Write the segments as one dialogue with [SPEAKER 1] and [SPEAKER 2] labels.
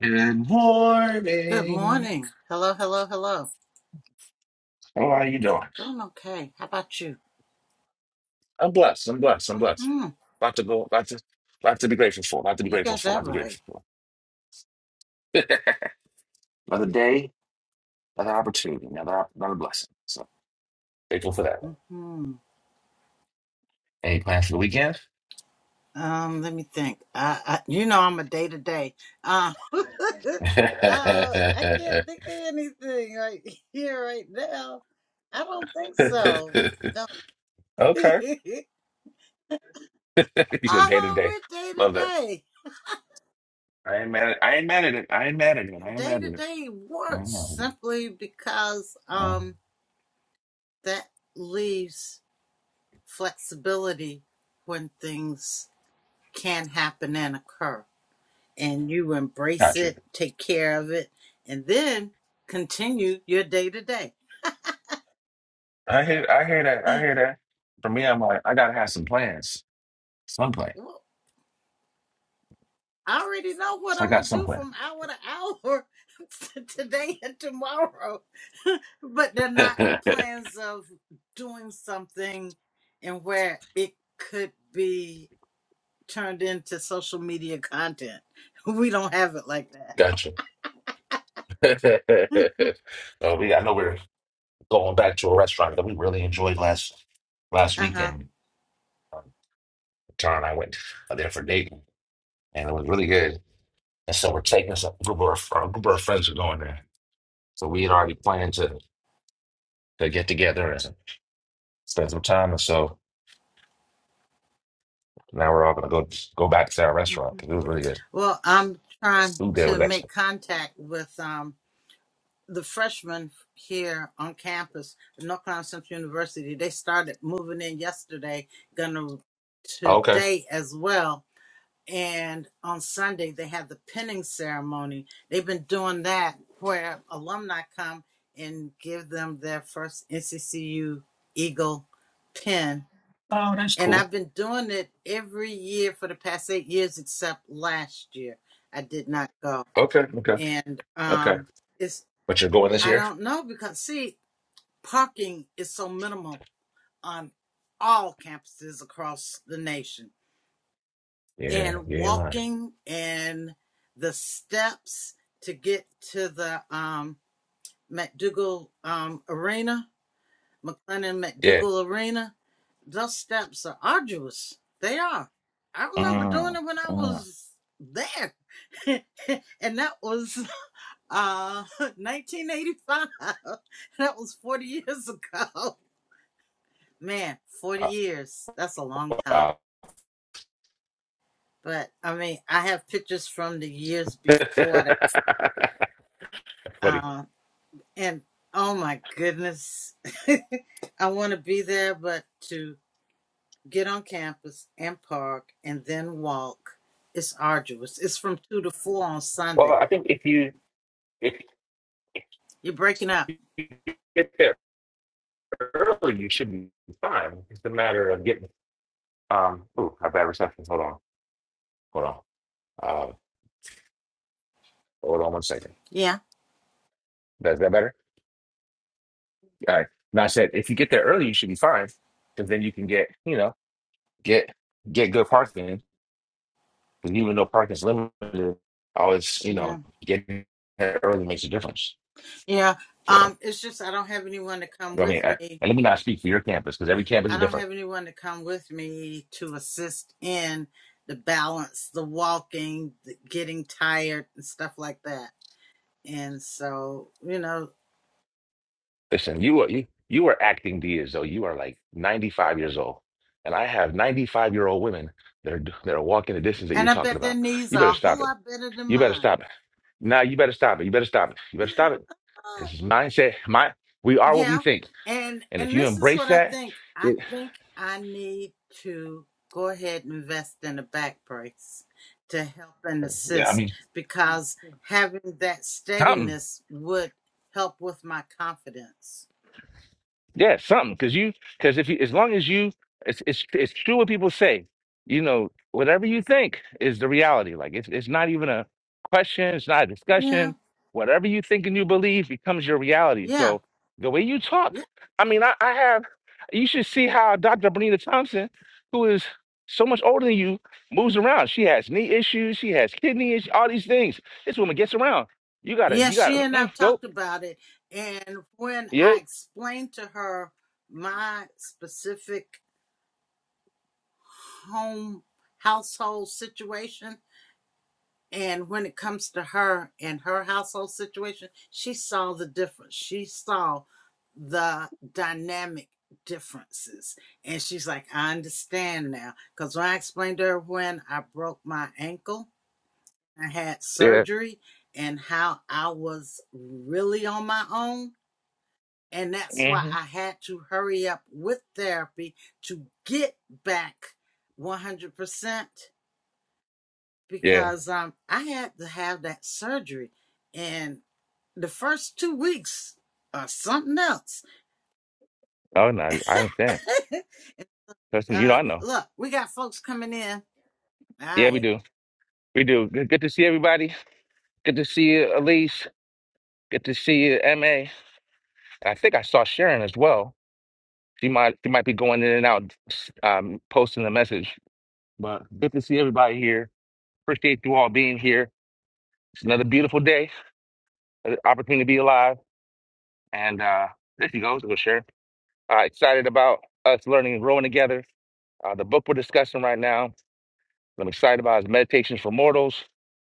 [SPEAKER 1] Good
[SPEAKER 2] Good
[SPEAKER 1] morning.
[SPEAKER 2] morning. Hello, hello, hello.
[SPEAKER 1] How are you doing?
[SPEAKER 2] Doing okay. How about you?
[SPEAKER 1] I'm blessed. I'm blessed. I'm blessed.
[SPEAKER 2] hmm
[SPEAKER 1] Lot to go. Lot to. Lot to be grateful for. Lot to be
[SPEAKER 2] You
[SPEAKER 1] grateful
[SPEAKER 2] got
[SPEAKER 1] for.
[SPEAKER 2] that
[SPEAKER 1] Lot to be
[SPEAKER 2] right.
[SPEAKER 1] grateful for. another day, another opportunity, another another blessing. So grateful for that.
[SPEAKER 2] hmm
[SPEAKER 1] Any plans for the weekend?
[SPEAKER 2] Um, let me think. I, I you know, I'm a day to day. Uh, uh, I can't think of anything right here, right now. I don't think so. Don't.
[SPEAKER 1] okay.
[SPEAKER 2] uh-huh,
[SPEAKER 1] you said day to day.
[SPEAKER 2] we're day to
[SPEAKER 1] Love that.
[SPEAKER 2] day.
[SPEAKER 1] I ain't mad. At, I ain't mad at it. I ain't mad at it. I ain't
[SPEAKER 2] Day
[SPEAKER 1] mad
[SPEAKER 2] to
[SPEAKER 1] at it.
[SPEAKER 2] day
[SPEAKER 1] I
[SPEAKER 2] works
[SPEAKER 1] ain't mad at it.
[SPEAKER 2] simply because
[SPEAKER 1] Oh,
[SPEAKER 2] um that leaves flexibility when things can happen and occur. And you embrace
[SPEAKER 1] gotcha.
[SPEAKER 2] it, take care of it, and then continue your day to day.
[SPEAKER 1] I hear. I hear that. I
[SPEAKER 2] Eh,
[SPEAKER 1] hear that. For me, I'm like, I gotta have some plans. Some plans.
[SPEAKER 2] well, I already know what
[SPEAKER 1] So I
[SPEAKER 2] I'm
[SPEAKER 1] got
[SPEAKER 2] going to do
[SPEAKER 1] somewhere.
[SPEAKER 2] from hour to hour today and tomorrow. but they're not plans of doing something and where it could be turned into social media content. We don't have it like that.
[SPEAKER 1] gotcha. oh, we, I know we're going back to a restaurant that we really enjoyed last last
[SPEAKER 2] uh huh.
[SPEAKER 1] weekend. Um, Tara and I went there for dating, and it was really good. And so we're taking us a group of our, group of friends are going there. So we had already planned to to get together and spend some time, and so now we're all gonna go go back to our restaurant because it was really good.
[SPEAKER 2] Well, I'm trying
[SPEAKER 1] Food there
[SPEAKER 2] to
[SPEAKER 1] was
[SPEAKER 2] make
[SPEAKER 1] excellent.
[SPEAKER 2] contact with um, the freshmen here on campus at North Carolina Central University. They started moving in yesterday, gonna
[SPEAKER 1] Okay.
[SPEAKER 2] today as well. And on Sunday, they had the pinning ceremony. They've been doing that where alumni come and give them their first NCCU Eagle pin
[SPEAKER 1] Oh, that's
[SPEAKER 2] and I've
[SPEAKER 1] cool.
[SPEAKER 2] been doing it every year for the past eight years, except last year. I did not go.
[SPEAKER 1] Okay. Okay.
[SPEAKER 2] And
[SPEAKER 1] Okay.
[SPEAKER 2] um, it's,
[SPEAKER 1] But you're going this
[SPEAKER 2] I
[SPEAKER 1] year?
[SPEAKER 2] don't know because, see, parking is so minimal on all campuses across the nation.
[SPEAKER 1] Yeah.
[SPEAKER 2] And
[SPEAKER 1] You ain't lying.
[SPEAKER 2] walking and the steps to get to the um, McDougal um, Arena, McLennan McDougal Arena, Those steps are arduous. They are. I remember doing
[SPEAKER 1] Mm,
[SPEAKER 2] it when I
[SPEAKER 1] mm.
[SPEAKER 2] was there. and that was uh 1985. That was 40 years ago. Man, 40
[SPEAKER 1] I
[SPEAKER 2] years. That's a long time.
[SPEAKER 1] forgot.
[SPEAKER 2] But I mean, I have pictures from the years before that.
[SPEAKER 1] Funny.
[SPEAKER 2] Uh, and oh my goodness. I want to be there, but to Get on campus and park and then walk. It's arduous. It's from two to four on
[SPEAKER 1] Well,
[SPEAKER 2] Sunday.
[SPEAKER 1] I think if you if
[SPEAKER 2] You're breaking up.
[SPEAKER 1] you get there early, you should be fine. It's a matter of getting. Um. Ooh, I have bad reception. Hold on. Hold on. Uh. Hold on one second.
[SPEAKER 2] Yeah.
[SPEAKER 1] That's that better? All right. And I said, if you get there early, you should be fine, because then you can get you know get get good parking. Because even though parking's limited, always you know
[SPEAKER 2] Yeah.
[SPEAKER 1] getting there early makes a difference.
[SPEAKER 2] Yeah.
[SPEAKER 1] So.
[SPEAKER 2] Um, it's just I don't have anyone to come
[SPEAKER 1] I
[SPEAKER 2] with
[SPEAKER 1] mean, I,
[SPEAKER 2] me.
[SPEAKER 1] and let me not speak for your campus because every campus
[SPEAKER 2] I
[SPEAKER 1] is
[SPEAKER 2] don't
[SPEAKER 1] different.
[SPEAKER 2] have anyone to come with me to assist in the balance, the walking, the getting tired and stuff like that. And so, you know,
[SPEAKER 1] Listen, you are you you are acting D as though you are like 95 years old, and I have 95 year old women that are that are walking the distance that you're
[SPEAKER 2] and I
[SPEAKER 1] talking
[SPEAKER 2] bet their
[SPEAKER 1] about.
[SPEAKER 2] knees
[SPEAKER 1] You better
[SPEAKER 2] are a
[SPEAKER 1] stop
[SPEAKER 2] whole
[SPEAKER 1] it.
[SPEAKER 2] lot better than
[SPEAKER 1] You better
[SPEAKER 2] mine.
[SPEAKER 1] stop it. Now you better stop it. You better stop it. You better stop it. Because it's mindset, my we are what we
[SPEAKER 2] Yeah.
[SPEAKER 1] think,
[SPEAKER 2] And
[SPEAKER 1] and if
[SPEAKER 2] and
[SPEAKER 1] you
[SPEAKER 2] this is
[SPEAKER 1] embrace
[SPEAKER 2] what I
[SPEAKER 1] that,
[SPEAKER 2] think. I
[SPEAKER 1] it,
[SPEAKER 2] think I need to go ahead and invest in a back brace to help and
[SPEAKER 1] yeah, I
[SPEAKER 2] assist
[SPEAKER 1] mean,
[SPEAKER 2] because having that
[SPEAKER 1] something.
[SPEAKER 2] steadiness would help with my confidence.
[SPEAKER 1] Yeah, something because you because if you as long as you it's it's it's true what people say. You know, whatever you think is the reality. Like it's it's not even a question. It's not a
[SPEAKER 2] Yeah.
[SPEAKER 1] discussion. Whatever you think and you believe becomes your reality.
[SPEAKER 2] Yeah.
[SPEAKER 1] So the way you talk,
[SPEAKER 2] Yeah.
[SPEAKER 1] I mean, I, I have. You should see how Dr. Bernita Thompson, who is so much older than you, moves around. She has knee issues. She has kidney issues. All these things. This woman gets around. You gotta.
[SPEAKER 2] Yeah,
[SPEAKER 1] You
[SPEAKER 2] she
[SPEAKER 1] gotta.
[SPEAKER 2] and
[SPEAKER 1] Mm-mm,
[SPEAKER 2] I've
[SPEAKER 1] nope.
[SPEAKER 2] talked about it. And when
[SPEAKER 1] Yeah.
[SPEAKER 2] I explained to her my specific home household situation, And when it comes to her and her household situation, she saw the difference. She saw the dynamic differences. And she's like, I understand now. Because when I explained to her when I broke my ankle, I had
[SPEAKER 1] Yeah.
[SPEAKER 2] surgery, and how I was really on my own. And that's why
[SPEAKER 1] hmm
[SPEAKER 2] I had to hurry up with therapy to get back 100%
[SPEAKER 1] Yeah.
[SPEAKER 2] because um I had to have that surgery and the first two weeks are something else.
[SPEAKER 1] Oh no, I understand. Listen, you know,
[SPEAKER 2] uh
[SPEAKER 1] I know.
[SPEAKER 2] look, we got folks coming in. All
[SPEAKER 1] Yeah, we
[SPEAKER 2] right.
[SPEAKER 1] do. We do. Good, good to see everybody. Good to see you, Elise. Good to see you, MA. I think I saw Sharon as well. She might she might be going in and out um posting a message. But good to see everybody here. Appreciate you all being here. It's another beautiful day, an opportunity to be alive. And uh there she goes, go Sharon. Uh excited about us learning and growing together. Uh the book we're discussing right now, that I'm excited about is Meditations for Mortals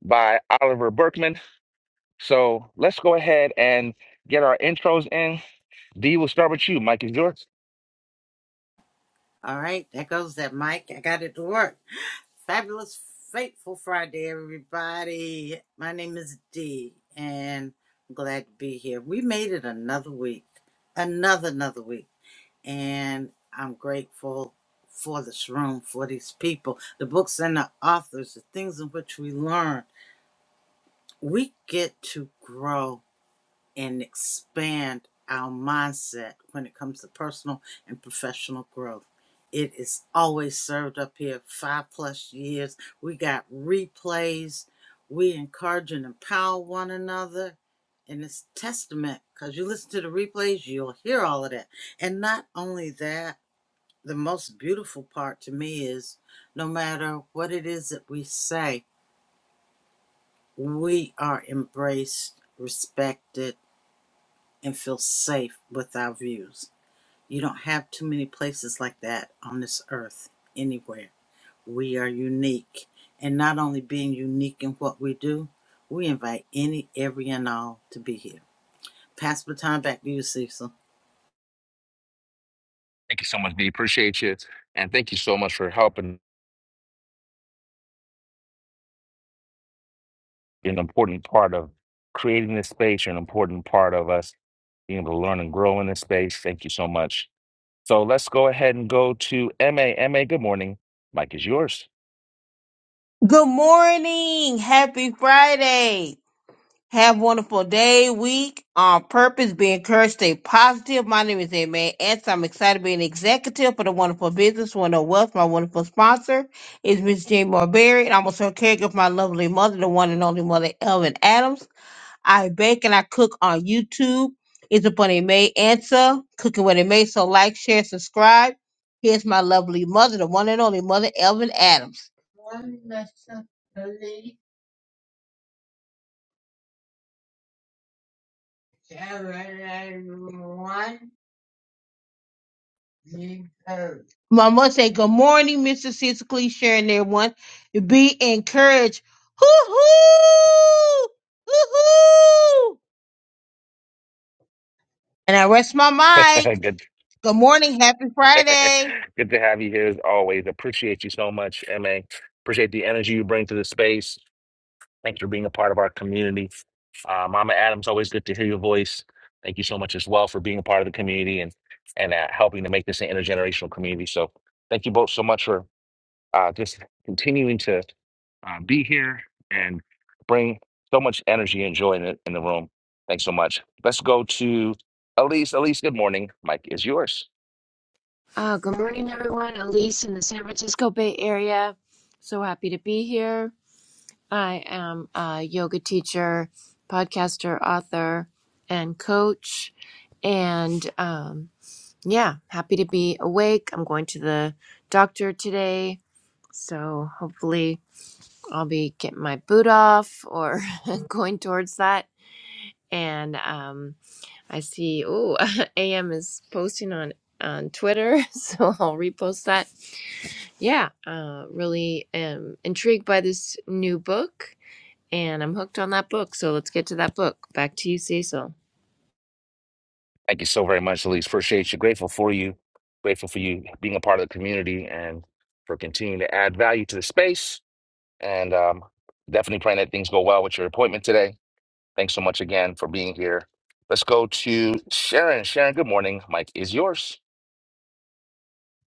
[SPEAKER 1] by Oliver Berkman. So let's go ahead and get our intros in. D we'll start with you. Mike is yours.
[SPEAKER 2] All right, there goes that mic. I got it to work. Fabulous fateful Friday, everybody. My name is Dee and I'm glad to be here. We made it another week. Another another week. and I'm grateful for this room, for these people, the books and the authors, the things in which we learn. We get to grow and expand our mindset when it comes to personal and professional growth. It is always served up here five plus years. We got replays. We encourage and empower one another. And it's testament because you listen to the replays, you'll hear all of that. And not only that, the most beautiful part to me is no matter what it is that we say, we are embraced, respected, and feel safe with our views. You don't have too many places like that on this earth anywhere. We are unique. And not only being unique in what we do, we invite any, every, and all to be here. Pass the time back to you, Cecil.
[SPEAKER 1] Thank you so much, D. Appreciate you. And thank you so much for helping. You're An important part of creating this space, you're an important part of us being able to learn and grow in this space. Thank you so much. So let's go ahead and go to M A M A. good morning. Mike is yours.
[SPEAKER 3] Good morning. Happy Friday. Have a wonderful day, week, on purpose. Be encouraged, stay positive. My name is Amen Ants. I'm excited to be an executive for the wonderful business, Wonderful Wealth. My wonderful sponsor is Miss Jane Marberry, and I'm also a caregiver for my lovely mother, the one and only mother, Elvin Adams. I bake and I cook on YouTube. It's upon a May answer, cooking what it May. So like, share, subscribe. Here's my lovely mother, the one and only mother, Elvin Adams. One lesson, believe, everyone deserves. My mother said, Good morning, Mr. Cicely, sharing everyone. Be encouraged. Hoo hoo! Hoo hoo! And I rest my mic.
[SPEAKER 1] good,
[SPEAKER 3] Good morning. Happy Friday.
[SPEAKER 1] good to have you here as always. Appreciate you so much, MA. Appreciate the energy you bring to the space. Thanks for being a part of our community Uh, Mama Adams, always good to hear your voice. Thank you so much as well for being a part of the community and and uh, helping to make this an intergenerational community. So thank you both so much for uh, just continuing to uh, be here and bring so much energy and joy in the, in the room. Thanks so much. Let's go to Elise. Elise, good morning. Mike is yours.
[SPEAKER 4] Uh, good morning, everyone. Elise in the San Francisco Bay Area. So happy to be here. I am a yoga teacher, podcaster, author, and coach. And um, yeah, happy to be awake. I'm going to the doctor today. So hopefully, I'll be getting my boot off or going towards that. And um, I see, oh, AM is posting on, on Twitter. So I'll repost that yeah, uh, really am intrigued by this new book, and I'm hooked on that book. So let's get to that book. Back to you, Cecil.
[SPEAKER 1] Thank you so very much, Elise. Appreciate you. Grateful for you. Grateful for you being a part of the community and for continuing to add value to the space. and um, definitely praying that things go well with your appointment today. Thanks so much again for being here. Let's go to Sharon. Sharon, good morning. Mike is yours.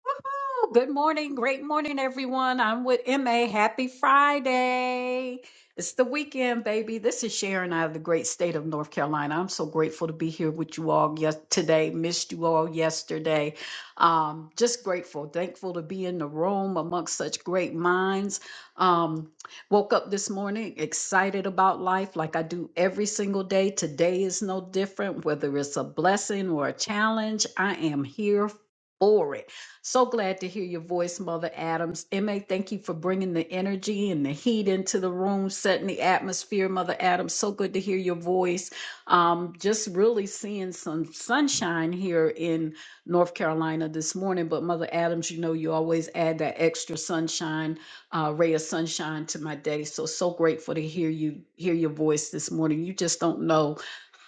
[SPEAKER 5] Woohoo! Good morning. Great morning, everyone. I'm with MA. Happy Friday. It's the weekend, baby. This is Sharon out of the great state of North Carolina. I'm so grateful to be here with you all yes- today. Missed you all yesterday. Um, just grateful, thankful to be in the room amongst such great minds. Um, woke up this morning excited about life like I do every single day. Today is no different, whether it's a blessing or a challenge. I am here for it. So glad to hear your voice, Mother Adams. MA, thank you for bringing the energy and the heat into the room, setting the atmosphere, Mother Adams. So good to hear your voice. Um, just really seeing some sunshine here in North Carolina this morning. But, Mother Adams, you know, you always add that extra sunshine, uh, ray of sunshine to my day. So, so grateful to hear you, hear your voice this morning. You just don't know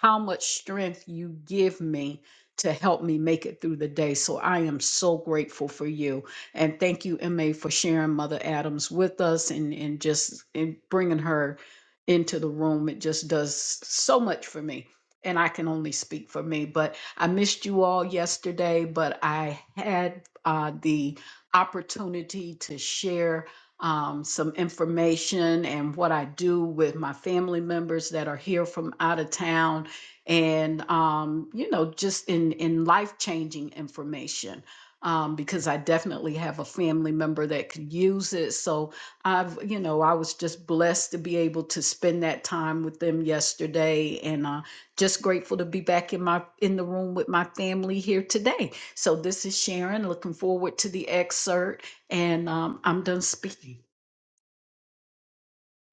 [SPEAKER 5] how much strength you give me to help me make it through the day. So I am so grateful for you. And thank you, MA, for sharing Mother Adams with us and, and just and bringing her into the room. It just does so much for me. And I can only speak for me. But I missed you all yesterday, but I had uh, the opportunity to share. Um, some information and what I do with my family members that are here from out of town and um, you know just in in life changing information um, because i definitely have a family member that could use it so i've you know i was just blessed to be able to spend that time with them yesterday and uh, just grateful to be back in my in the room with my family here today so this is sharon looking forward to the excerpt and um, i'm done speaking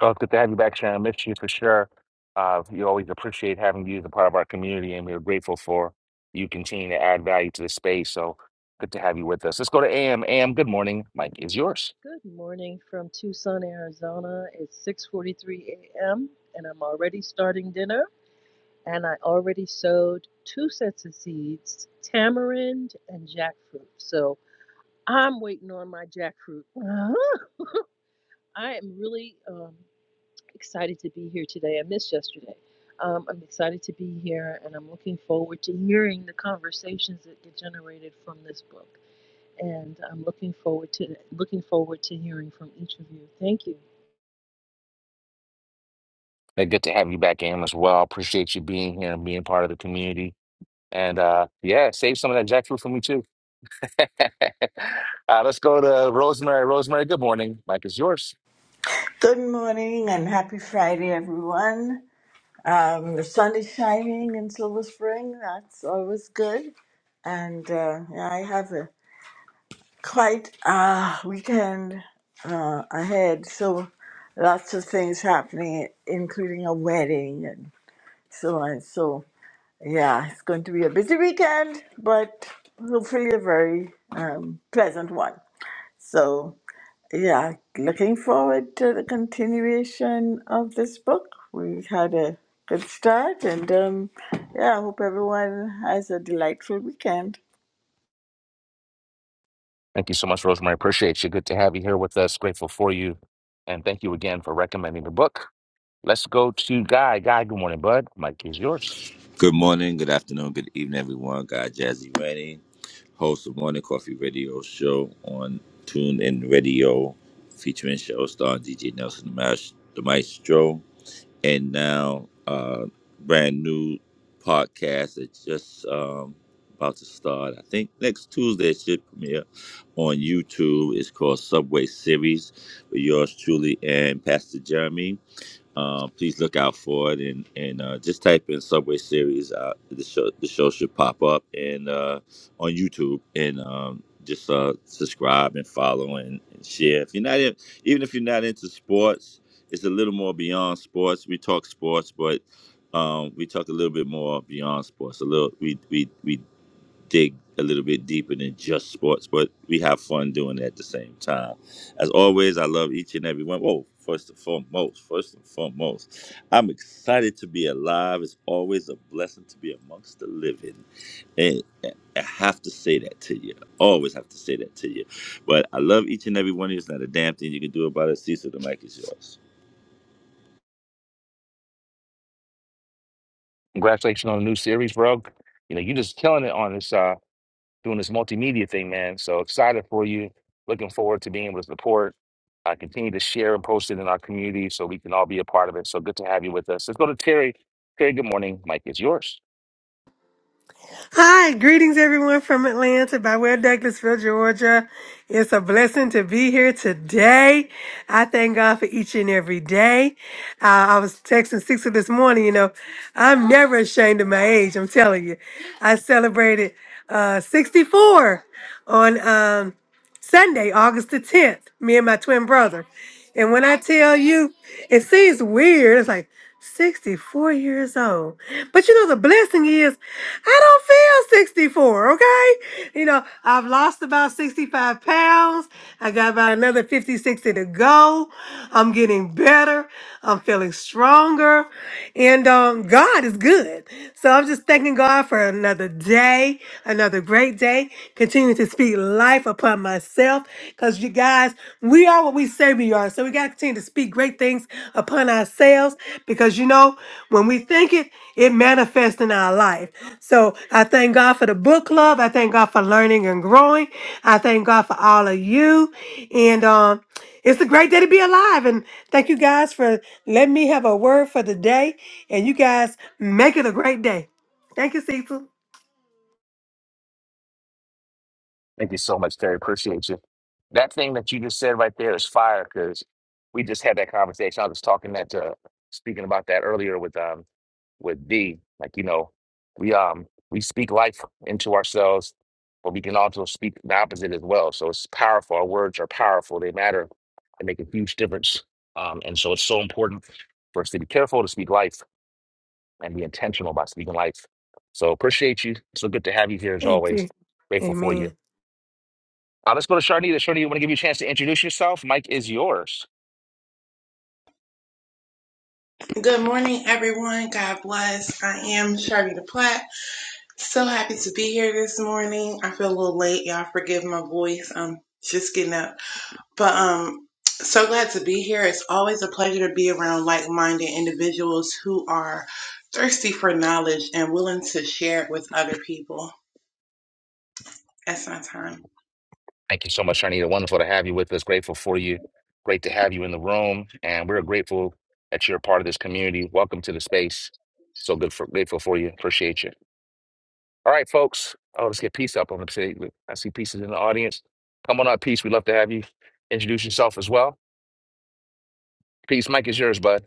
[SPEAKER 1] Oh, it's good to have you back, Sharon. Missed you for sure. Uh, we always appreciate having you as a part of our community, and we're grateful for you continuing to add value to the space. So good to have you with us. Let's go to AM. AM, good morning. Mike is yours.
[SPEAKER 6] Good morning from Tucson, Arizona. It's 6:43 a.m. and I'm already starting dinner and I already sowed two sets of seeds, tamarind and jackfruit. So I'm waiting on my jackfruit. Uh-huh. I am really um, excited to be here today. I missed yesterday. Um, I'm excited to be here and I'm looking forward to hearing the conversations that get generated from this book. And I'm looking forward to looking forward to hearing from each of you. Thank you.
[SPEAKER 1] Hey, good to have you back, AM, as well. Appreciate you being here and being part of the community. And uh, yeah, save some of that jackfruit for me too. Uh, let's go to Rosemary. Rosemary, good morning. Mike is yours.
[SPEAKER 7] Good morning and happy Friday, everyone. Um, the sun is shining in Silver Spring. That's always good. And uh, yeah, I have a quite uh, weekend uh, ahead. So lots of things happening, including a wedding and so on. So yeah, it's going to be a busy weekend, but hopefully a very um, pleasant one. So yeah, looking forward to the continuation of this book. We had a good start, and um, yeah, I hope everyone has a delightful weekend.
[SPEAKER 1] Thank you so much, Rosemary. Appreciate you. Good to have you here with us. Grateful for you. And thank you again for recommending the book. Let's go to Guy. Guy, good morning, bud. Mike is yours.
[SPEAKER 8] Good morning, good afternoon, good evening, everyone. God Jazzy Rennie, host of Morning Coffee Radio Show on Tune In Radio, featuring show star DJ Nelson the Maes- the Maestro, and now uh brand new podcast that's just um, about to start. I think next Tuesday it should premiere on YouTube. It's called Subway Series with yours truly and Pastor Jeremy. Uh, please look out for it and and uh, just type in Subway Series. Uh, the show the show should pop up and uh, on YouTube and um, just uh, subscribe and follow and, and share. If you're not in, even if you're not into sports, it's a little more beyond sports. We talk sports, but um, we talk a little bit more beyond sports. A little we we we dig a little bit deeper than just sports, but we have fun doing it at the same time. As always, I love each and every one. Whoa, first and foremost, first and foremost, I'm excited to be alive. It's always a blessing to be amongst the living. And I have to say that to you. I always have to say that to you. But I love each and every one of you. It's not a damn thing you can do about it. Cecil, the mic is yours.
[SPEAKER 1] Congratulations on the new series, bro. You know, you're just killing it on this, uh, doing this multimedia thing, man. So excited for you. Looking forward to being able to support. Uh, continue to share and post it in our community so we can all be a part of it. So good to have you with us. Let's go to Terry. Terry, good morning. Mike is yours.
[SPEAKER 9] Hi, greetings everyone from Atlanta by way of Douglasville, Georgia. It's a blessing to be here today. I thank God for each and every day. Uh, I was texting Sixer this morning, you know, I'm never ashamed of my age, I'm telling you. I celebrated uh, 64 on um, Sunday, August the 10th, me and my twin brother. And when I tell you, it seems weird. It's like 64 years old. But you know, the blessing is I don't feel 64, okay? You know, I've lost about 65 pounds. I got about another 50, 60 to go. I'm getting better. I'm feeling stronger. And um, God is good good. So I'm just thanking God for another day, another great day. Continue to speak life upon myself because you guys, we are what we say we are. So we got to continue to speak great things upon ourselves because you know, when we think it, it manifests in our life. So I thank God for the book club. I thank God for learning and growing. I thank God for all of you. And, um, it's a great day to be alive. And thank you guys for letting me have a word for the day. And you guys make it a great day. Thank you, Cecil.
[SPEAKER 1] Thank you so much, Terry. Appreciate you. That thing that you just said right there is fire because we just had that conversation. I was talking that uh speaking about that earlier with um with D. Like, you know, we um we speak life into ourselves, but we can also speak the opposite as well. So it's powerful. Our words are powerful, they matter and make a huge difference. Um, and so it's so important for us to be careful to speak life and be intentional about speaking life. So appreciate you. So good to have you here as
[SPEAKER 9] Thank
[SPEAKER 1] always.
[SPEAKER 9] you.
[SPEAKER 1] Grateful for you.
[SPEAKER 9] Amen.
[SPEAKER 1] Uh, let's go to Sharnita. Sharnita, want to give you a chance to introduce yourself. Mike is yours.
[SPEAKER 10] Good morning, everyone. God bless. I am Sharvita Platt. So happy to be here this morning. I feel a little late. Y'all forgive my voice. I'm just getting up. But um so glad to be here. It's always a pleasure to be around like-minded individuals who are thirsty for knowledge and willing to share it with other people. That's my time.
[SPEAKER 1] Thank you so much, Sharnita. Wonderful to have you with us. Grateful for you. Great to have you in the room. And we're grateful that you're a part of this community. Welcome to the space. So good for grateful for you. Appreciate you. All right, folks. Oh, let's get peace up. I'm gonna say I see pieces in the audience. Come on up, peace. We'd love to have you introduce yourself as well. Peace, Mike is yours, bud.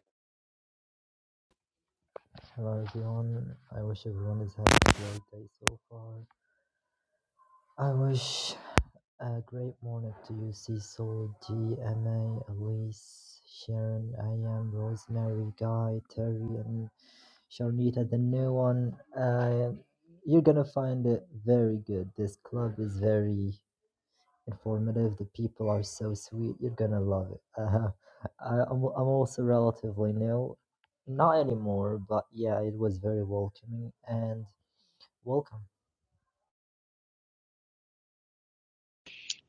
[SPEAKER 11] Hello everyone, I wish everyone is having a great day so far. I wish a great morning to you, Cecil, GMA, Elise, Sharon, I am Rosemary, Guy, Terry, and Sharnita, the new one. Uh, you're gonna find it very good. This club is very informative. The people are so sweet. You're gonna love it. Uh, I, I'm, I'm also relatively new. Not anymore, but yeah, it was very welcoming and Welcome.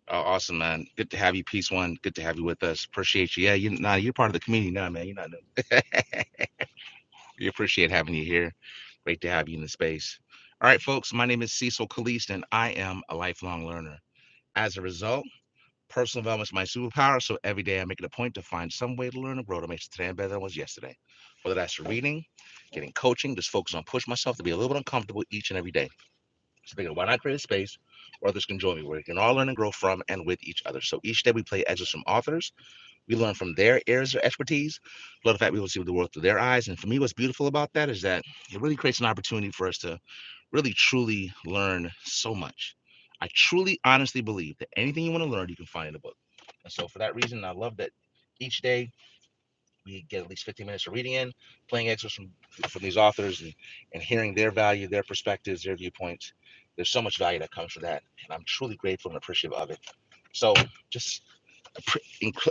[SPEAKER 1] Oh, awesome, man. Good to have you. Peace one. Good to have you with us. Appreciate you. Yeah, you nah, you're part of the community now, man. You're not new. We appreciate having you here. Great to have you in the space. All right, folks, my name is Cecil Kalist, and I am a lifelong learner. As a result, personal development is my superpower, so every day I make it a point to find some way to learn and grow to make today better than it was yesterday. Whether that's reading, getting coaching, just focus on push myself to be a little bit uncomfortable each and every day. So thinking, why not create a space where others can join me, where we can all learn and grow from and with each other. So each day we play excerpts from authors we learn from their areas of expertise. Love the fact we will see the world through their eyes. And for me, what's beautiful about that is that it really creates an opportunity for us to really truly learn so much. I truly, honestly believe that anything you want to learn, you can find in a book. And so, for that reason, I love that each day we get at least 15 minutes of reading in, playing excerpts from, from these authors, and, and hearing their value, their perspectives, their viewpoints. There's so much value that comes from that. And I'm truly grateful and appreciative of it. So, just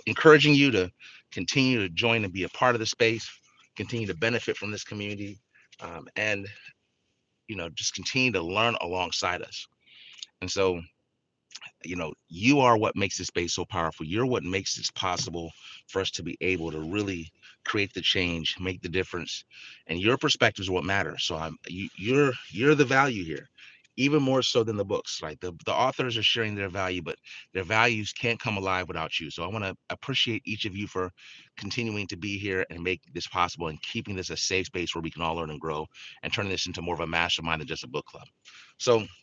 [SPEAKER 1] encouraging you to continue to join and be a part of the space, continue to benefit from this community, um, and you know just continue to learn alongside us. And so you know, you are what makes this space so powerful. You're what makes this possible for us to be able to really create the change, make the difference, and your perspective is what matters. So I'm you, you're you're the value here, even more so than the books. Right, the the authors are sharing their value, but their values can't come alive without you. So I want to appreciate each of you for continuing to be here and make this possible and keeping this a safe space where we can all learn and grow and turning this into more of a mastermind than just a book club. So I'm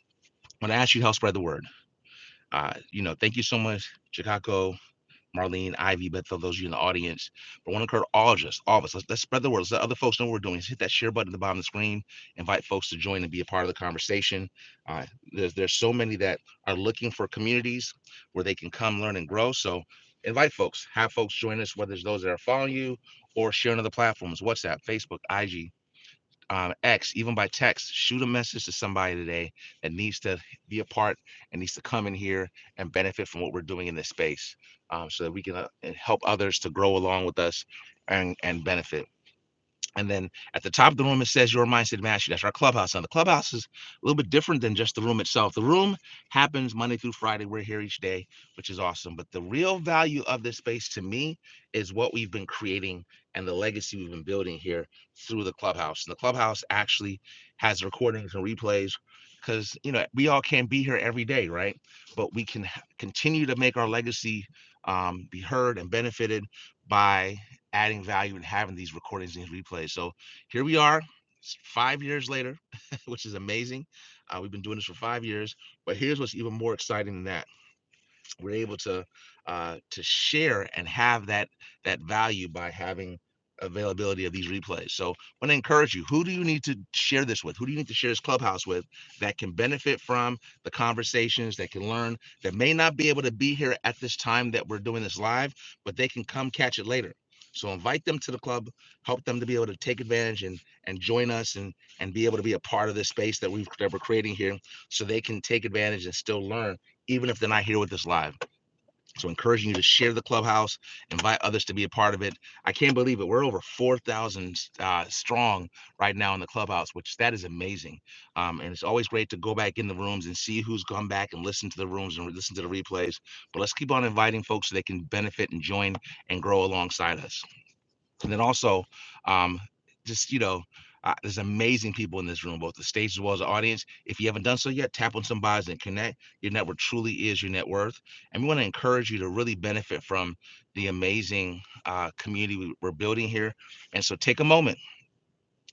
[SPEAKER 1] going to ask you to help spread the word. Uh, you know, thank you so much, Chicago, Marlene, Ivy, Bethel, those of you in the audience. But I want to encourage all of us, all of us, let's, let's spread the word. Let's let other folks know what we're doing. Just hit that share button at the bottom of the screen. Invite folks to join and be a part of the conversation. Uh, there's, there's so many that are looking for communities where they can come, learn, and grow. So invite folks, have folks join us, whether it's those that are following you or sharing other platforms, WhatsApp, Facebook, IG, um, X, even by text, shoot a message to somebody today that needs to be a part and needs to come in here and benefit from what we're doing in this space um, so that we can uh, help others to grow along with us and, and benefit. And then at the top of the room, it says Your Mindset Mastery. That's our clubhouse. And the clubhouse is a little bit different than just the room itself. The room happens Monday through Friday. We're here each day, which is awesome. But the real value of this space to me is what we've been creating and the legacy we've been building here through the clubhouse. And the clubhouse actually has recordings and replays because, you know, we all can't be here every day, right? But we can continue to make our legacy um, be heard and benefited by adding value and having these recordings and these replays. So here we are, five years later, which is amazing. Uh, we've been doing this for five years, but here's what's even more exciting than that we're able to uh, to share and have that that value by having availability of these replays. So I want to encourage you. Who do you need to share this with? Who do you need to share this clubhouse with that can benefit from the conversations, that can learn, that may not be able to be here at this time that we're doing this live, but they can come catch it later. So invite them to the club, help them to be able to take advantage and and join us and and be able to be a part of this space that we've that we're creating here so they can take advantage and still learn even if they're not here with us live. So encouraging you to share the clubhouse, invite others to be a part of it. I can't believe it. We're over 4,000 uh, strong right now in the clubhouse, which that is amazing. Um, and it's always great to go back in the rooms and see who's gone back and listen to the rooms and listen to the replays. But let's keep on inviting folks so they can benefit and join and grow alongside us. And then also, um, just you know, uh, there's amazing people in this room, both the stage as well as the audience. If you haven't done so yet, tap on some bios and connect. Your network truly is your net worth, and we want to encourage you to really benefit from the amazing uh, community we- we're building here. And so, take a moment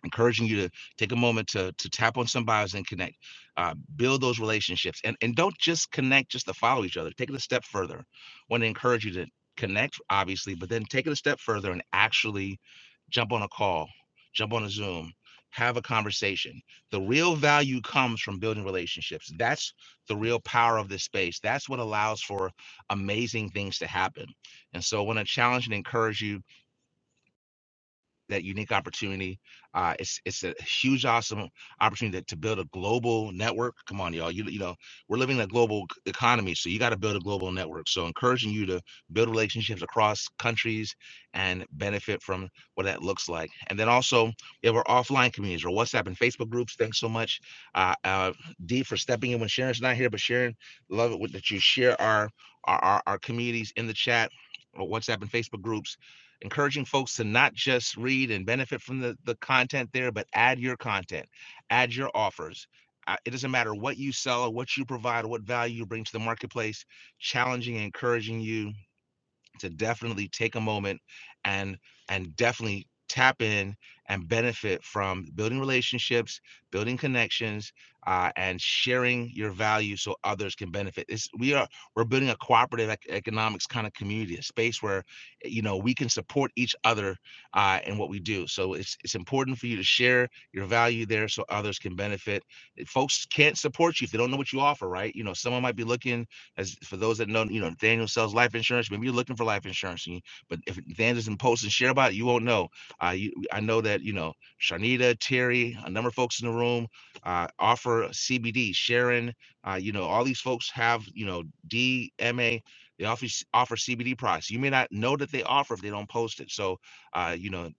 [SPEAKER 1] encouraging you to take a moment to to tap on some bios and connect uh, build those relationships and and don't just connect just to follow each other take it a step further want to encourage you to connect obviously but then take it a step further and actually jump on a call jump on a zoom have a conversation the real value comes from building relationships that's the real power of this space that's what allows for amazing things to happen and so i want to challenge and encourage you that unique opportunity. Uh, it's it's a huge, awesome opportunity to, to build a global network. Come on, y'all. You you know we're living in a global c- economy, so you got to build a global network. So encouraging you to build relationships across countries and benefit from what that looks like. And then also you have our offline communities, or WhatsApp and Facebook groups. Thanks so much, uh, uh, D, for stepping in when Sharon's not here. But Sharon, love it with- that you share our our our, our communities in the chat. or WhatsApp and Facebook groups encouraging folks to not just read and benefit from the, the content there, but add your content, add your offers. Uh, It doesn't matter what you sell or what you provide or what value you bring to the marketplace, challenging and encouraging you to definitely take a moment and and definitely tap in and benefit from building relationships building connections uh, and sharing your value so others can benefit it's, we are we're building a cooperative ec- economics kind of community a space where you know we can support each other uh, in what we do so it's it's important for you to share your value there so others can benefit If folks can't support you if they don't know what you offer right you know someone might be looking as for those that know, you know, Nathaniel sells life insurance. Maybe you're looking for life insurance, you- but if Nathaniel doesn't post and share about it, you won't know. Uh, you, I know that you know Sharnita, Terry, a number of folks in the room uh, offer CBD. Sharon, uh, you know, all these folks have you know DMA. They offer offer CBD products. You may not know that they offer if they don't post it. So, uh, you know,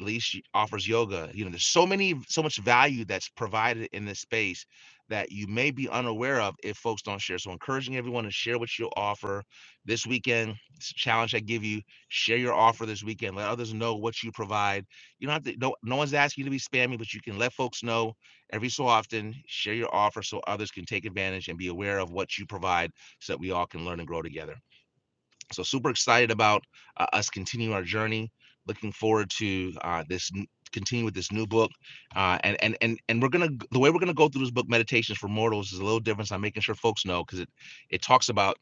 [SPEAKER 1] Leash offers yoga. You know, there's so many, so much value that's provided in this space that you may be unaware of if folks don't share. So, encouraging everyone to share what you offer this weekend. It's a challenge I give you: share your offer this weekend. Let others know what you provide. You don't have to. No, no one's asking you to be spammy, but you can let folks know every so often. Share your offer so others can take advantage and be aware of what you provide, so that we all can learn and grow together. So super excited about uh, us continuing our journey. Looking forward to uh, this n- continue with this new book, uh, and and and and we're gonna the way we're gonna go through this book, Meditations for Mortals, is a little different. So I'm making sure folks know because it it talks about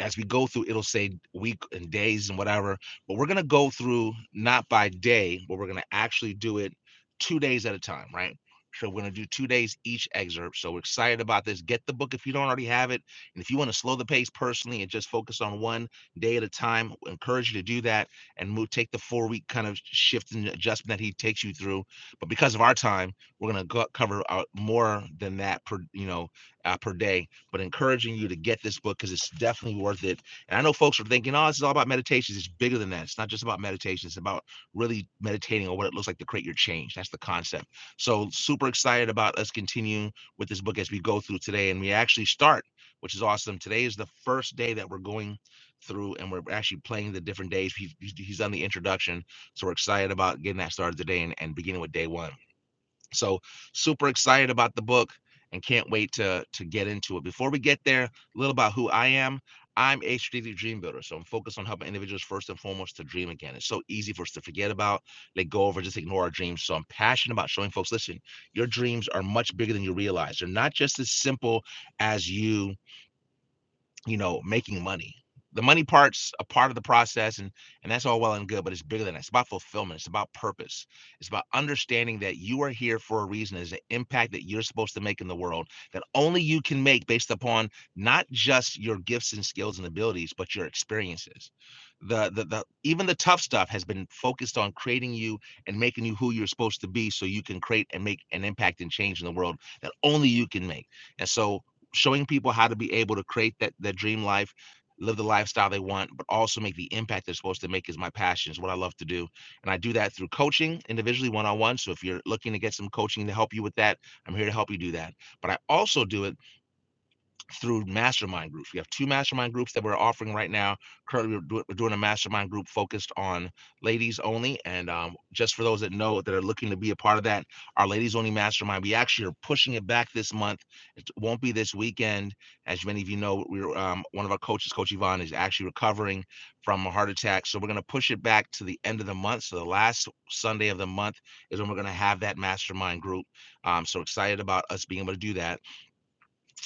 [SPEAKER 1] as we go through, it'll say week and days and whatever. But we're gonna go through not by day, but we're gonna actually do it two days at a time, right? So we're gonna do two days each excerpt. So we're excited about this. Get the book if you don't already have it, and if you want to slow the pace personally and just focus on one day at a time, we encourage you to do that and move. Take the four week kind of shift and adjustment that he takes you through. But because of our time, we're gonna go, cover uh, more than that per you know uh, per day but encouraging you to get this book because it's definitely worth it. And I know folks are thinking, oh, this is all about meditations. It's bigger than that. It's not just about meditation. It's about really meditating on what it looks like to create your change. That's the concept. So super excited about us continuing with this book as we go through today. And we actually start, which is awesome. Today is the first day that we're going through and we're actually playing the different days. He's, he's done the introduction. So we're excited about getting that started today and, and beginning with day one. So super excited about the book and can't wait to to get into it. Before we get there, a little about who I am. I'm a strategic dream builder, so I'm focused on helping individuals first and foremost to dream again. It's so easy for us to forget about, let go of, or just ignore our dreams. So I'm passionate about showing folks, listen, your dreams are much bigger than you realize. They're not just as simple as you you know, making money. The money part's a part of the process, and and that's all well and good, but it's bigger than that. It's about fulfillment. It's about purpose. It's about understanding that you are here for a reason. There's an impact that you're supposed to make in the world that only you can make based upon not just your gifts and skills and abilities, but your experiences. The the the even the tough stuff has been focused on creating you and making you who you're supposed to be, so you can create and make an impact and change in the world that only you can make. And so showing people how to be able to create that that dream life live the lifestyle they want but also make the impact they're supposed to make is my passion is what i love to do and i do that through coaching individually one-on-one so if you're looking to get some coaching to help you with that i'm here to help you do that but i also do it through mastermind groups. We have two mastermind groups that we're offering right now. Currently, we're, do- we're doing a mastermind group focused on ladies only. And um, just for those that know that are looking to be a part of that, our ladies only mastermind, we actually are pushing it back this month. It won't be this weekend. As many of you know, we're um, one of our coaches, Coach Yvonne, is actually recovering from a heart attack. So we're going to push it back to the end of the month. So the last Sunday of the month is when we're going to have that mastermind group. Um, so excited about us being able to do that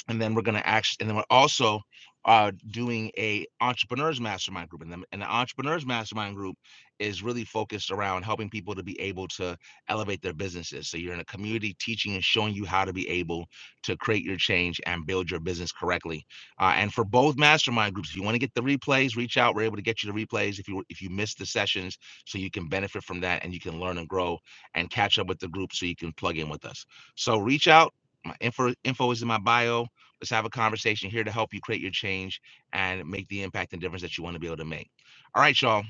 [SPEAKER 1] and then we're going to actually and then we're also uh, doing a entrepreneurs mastermind group and then and the entrepreneurs mastermind group is really focused around helping people to be able to elevate their businesses so you're in a community teaching and showing you how to be able to create your change and build your business correctly uh, and for both mastermind groups if you want to get the replays reach out we're able to get you the replays if you if you missed the sessions so you can benefit from that and you can learn and grow and catch up with the group so you can plug in with us so reach out my info info is in my bio Let's have a conversation here to help you create your change and make the impact and difference that you want to be able to make. All right, y'all.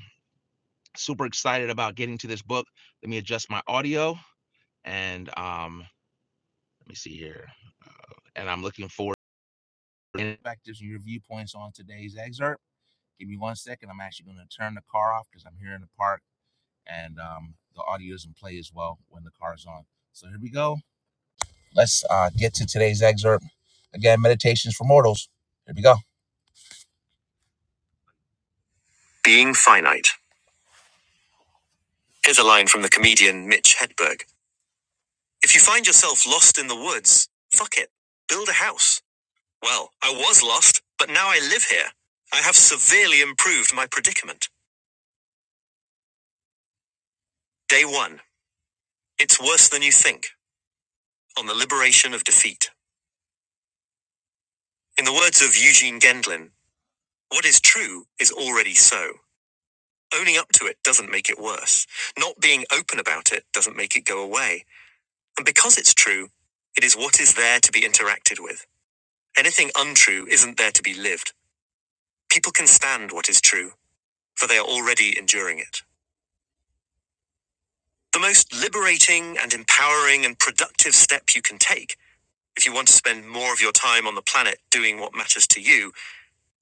[SPEAKER 1] Super excited about getting to this book. Let me adjust my audio and um, let me see here. Uh, and I'm looking forward to perspectives and your viewpoints on today's excerpt. Give me one second. I'm actually going to turn the car off because I'm here in the park and um, the audio is in play as well when the car is on. So here we go. Let's uh, get to today's excerpt. Again, Meditations for Mortals. Here we go. Being finite. Here's a line from the comedian Mitch Hedberg If you find yourself lost in the woods, fuck it. Build a house. Well, I was lost, but now I live here. I have severely improved my predicament. Day one. It's worse than you think. On the liberation of defeat. In the words of Eugene Gendlin, what is true is already so. Owning up to it doesn't make it worse. Not being open about it doesn't make it go away. And because it's true, it is what is there to be interacted with. Anything untrue isn't there to be lived. People can stand what is true, for they are already enduring it. The most liberating and empowering and productive step you can take, if you want to spend more of your time on the planet doing what matters to you,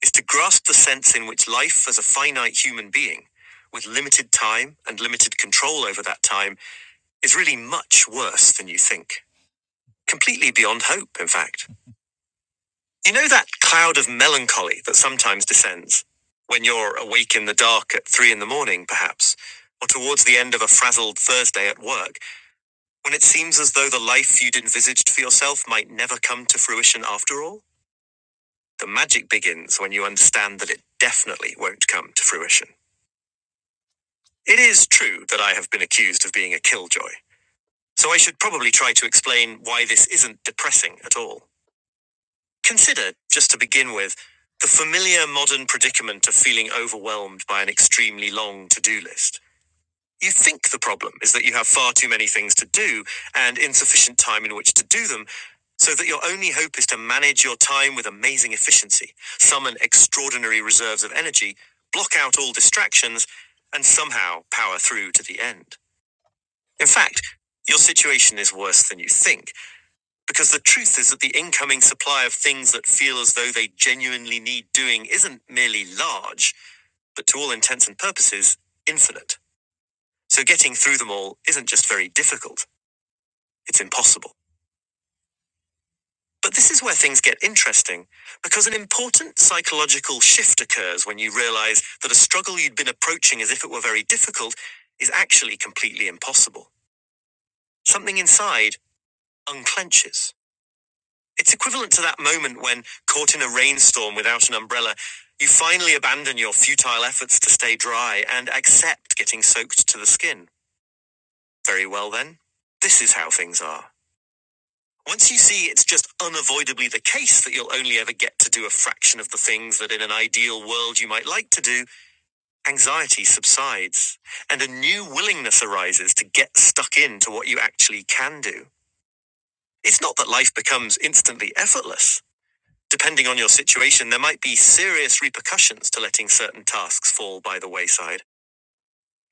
[SPEAKER 1] is to grasp the sense in which life as a finite human being, with limited time and limited control over that time, is really much worse than you think. Completely beyond hope, in fact. You know that cloud of melancholy that sometimes descends? When you're awake in the dark at three in the morning, perhaps, or towards the end of a frazzled Thursday at work, when it seems as though the life you'd envisaged for yourself might never come to fruition after all? The magic begins when you understand that it definitely won't come to fruition. It is true that I have been accused of being a killjoy, so I should probably try to explain why this isn't depressing at all. Consider, just to begin with, the familiar modern predicament of feeling overwhelmed by an extremely long to do list. You think the problem is that you have far too many things to do and insufficient time in which to do them, so that your only hope is to manage your time with amazing efficiency, summon extraordinary reserves of energy, block out all distractions, and somehow power through to the end. In fact, your situation is worse than you think. Because the truth is that the incoming supply of things that feel as though they genuinely need doing isn't merely large, but to all intents and purposes, infinite. So getting through them all isn't just very difficult, it's impossible. But this is where things get interesting, because an important psychological shift occurs when you realize that a struggle you'd been approaching as if it were very difficult is actually completely impossible. Something inside unclenches. It's equivalent to that moment when, caught in a rainstorm without an umbrella, you finally abandon your futile efforts to stay dry and accept getting soaked to the skin. Very well, then. This is how things are. Once you see it's just unavoidably the case that you'll only ever get to do a fraction of the things that in an ideal world you might like to do, anxiety subsides, and a new willingness arises to get stuck into what you actually can do. It's not that life becomes instantly effortless. Depending on your situation, there might be serious repercussions to letting certain tasks fall by the wayside.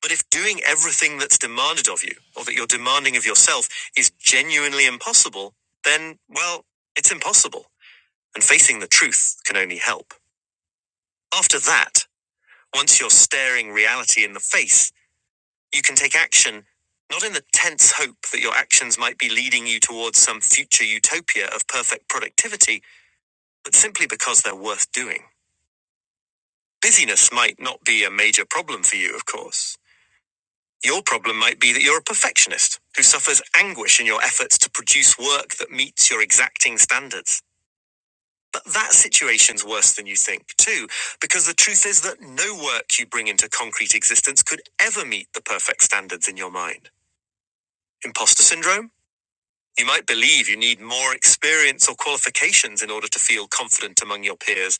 [SPEAKER 1] But if doing everything that's demanded of you, or that you're demanding of yourself, is genuinely impossible, then, well, it's impossible. And facing the truth can only help. After that, once you're staring reality in the face, you can take action, not in the tense hope that your actions might be leading you towards some future utopia of perfect productivity, but simply because they're worth doing. Busyness might not be a major problem for you, of course. Your problem might be that you're a perfectionist who suffers anguish in your efforts to produce work that meets your exacting standards. But that situation's worse than you think, too, because the truth is that no work you bring into concrete existence could ever meet the perfect standards in your mind. Imposter syndrome? You might believe you need more experience or qualifications in order to feel confident among your peers,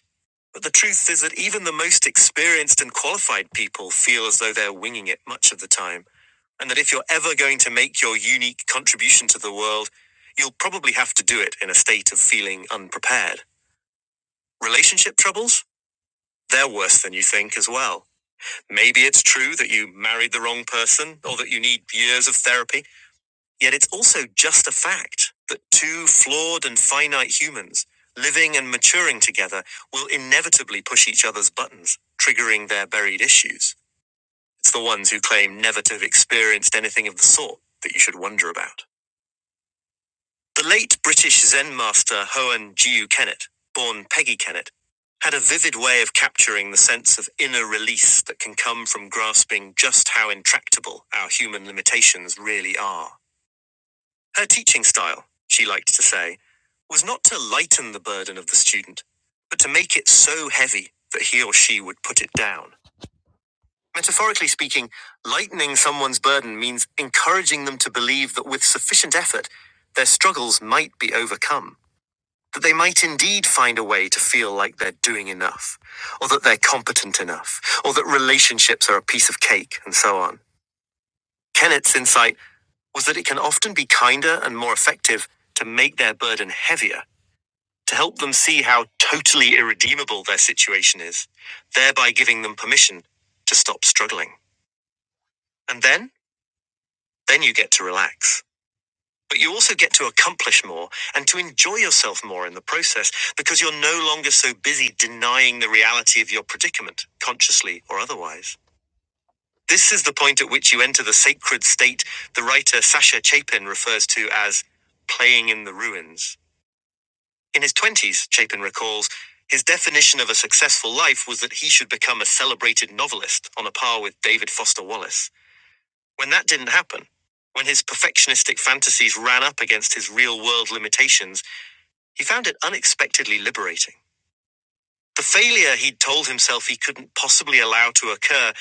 [SPEAKER 1] But the truth is that even the most experienced and qualified people feel as though they're winging it much of the time, and that if you're ever going to make your unique contribution to the world, you'll probably have to do it in a state of feeling unprepared. Relationship troubles? They're worse than you think as well. Maybe it's true that you married the wrong person, or that you need years of therapy, Yet it's also just a fact that two flawed and finite humans, living and maturing together, will inevitably push each other's buttons, triggering their buried issues. It's the ones who claim never to have experienced anything of the sort that you should wonder about. The late British Zen master Hoan Jiu Kennet, born Peggy Kennet, had a vivid way of capturing the sense of inner release that can come from grasping just how intractable our human limitations really are. Her teaching style, she liked to say, was not to lighten the burden of the student, but to make it so heavy that he or she would put it down. Metaphorically speaking, lightening someone's burden means encouraging them to believe that with sufficient effort, their struggles might be overcome, that they might indeed find a way to feel like they're doing enough, or that they're competent enough, or that relationships are a piece of cake, and so on. Kennett's insight was that it can often be kinder and more effective to make their burden heavier, to help them see how totally irredeemable their situation is, thereby giving them permission to stop struggling. And then, then you get to relax. But you also get to accomplish more and to enjoy yourself more in the process because you're no longer so busy denying the reality of your predicament, consciously or otherwise. This is the point at which you enter the sacred state the writer Sasha Chapin refers to as playing in the ruins. In his 20s, Chapin recalls, his definition of a successful life was that he should become a celebrated novelist on a par with David Foster Wallace. When that didn't happen, when his perfectionistic fantasies ran up against his real world limitations, he found it unexpectedly liberating. The failure he'd told himself he couldn't possibly allow to occur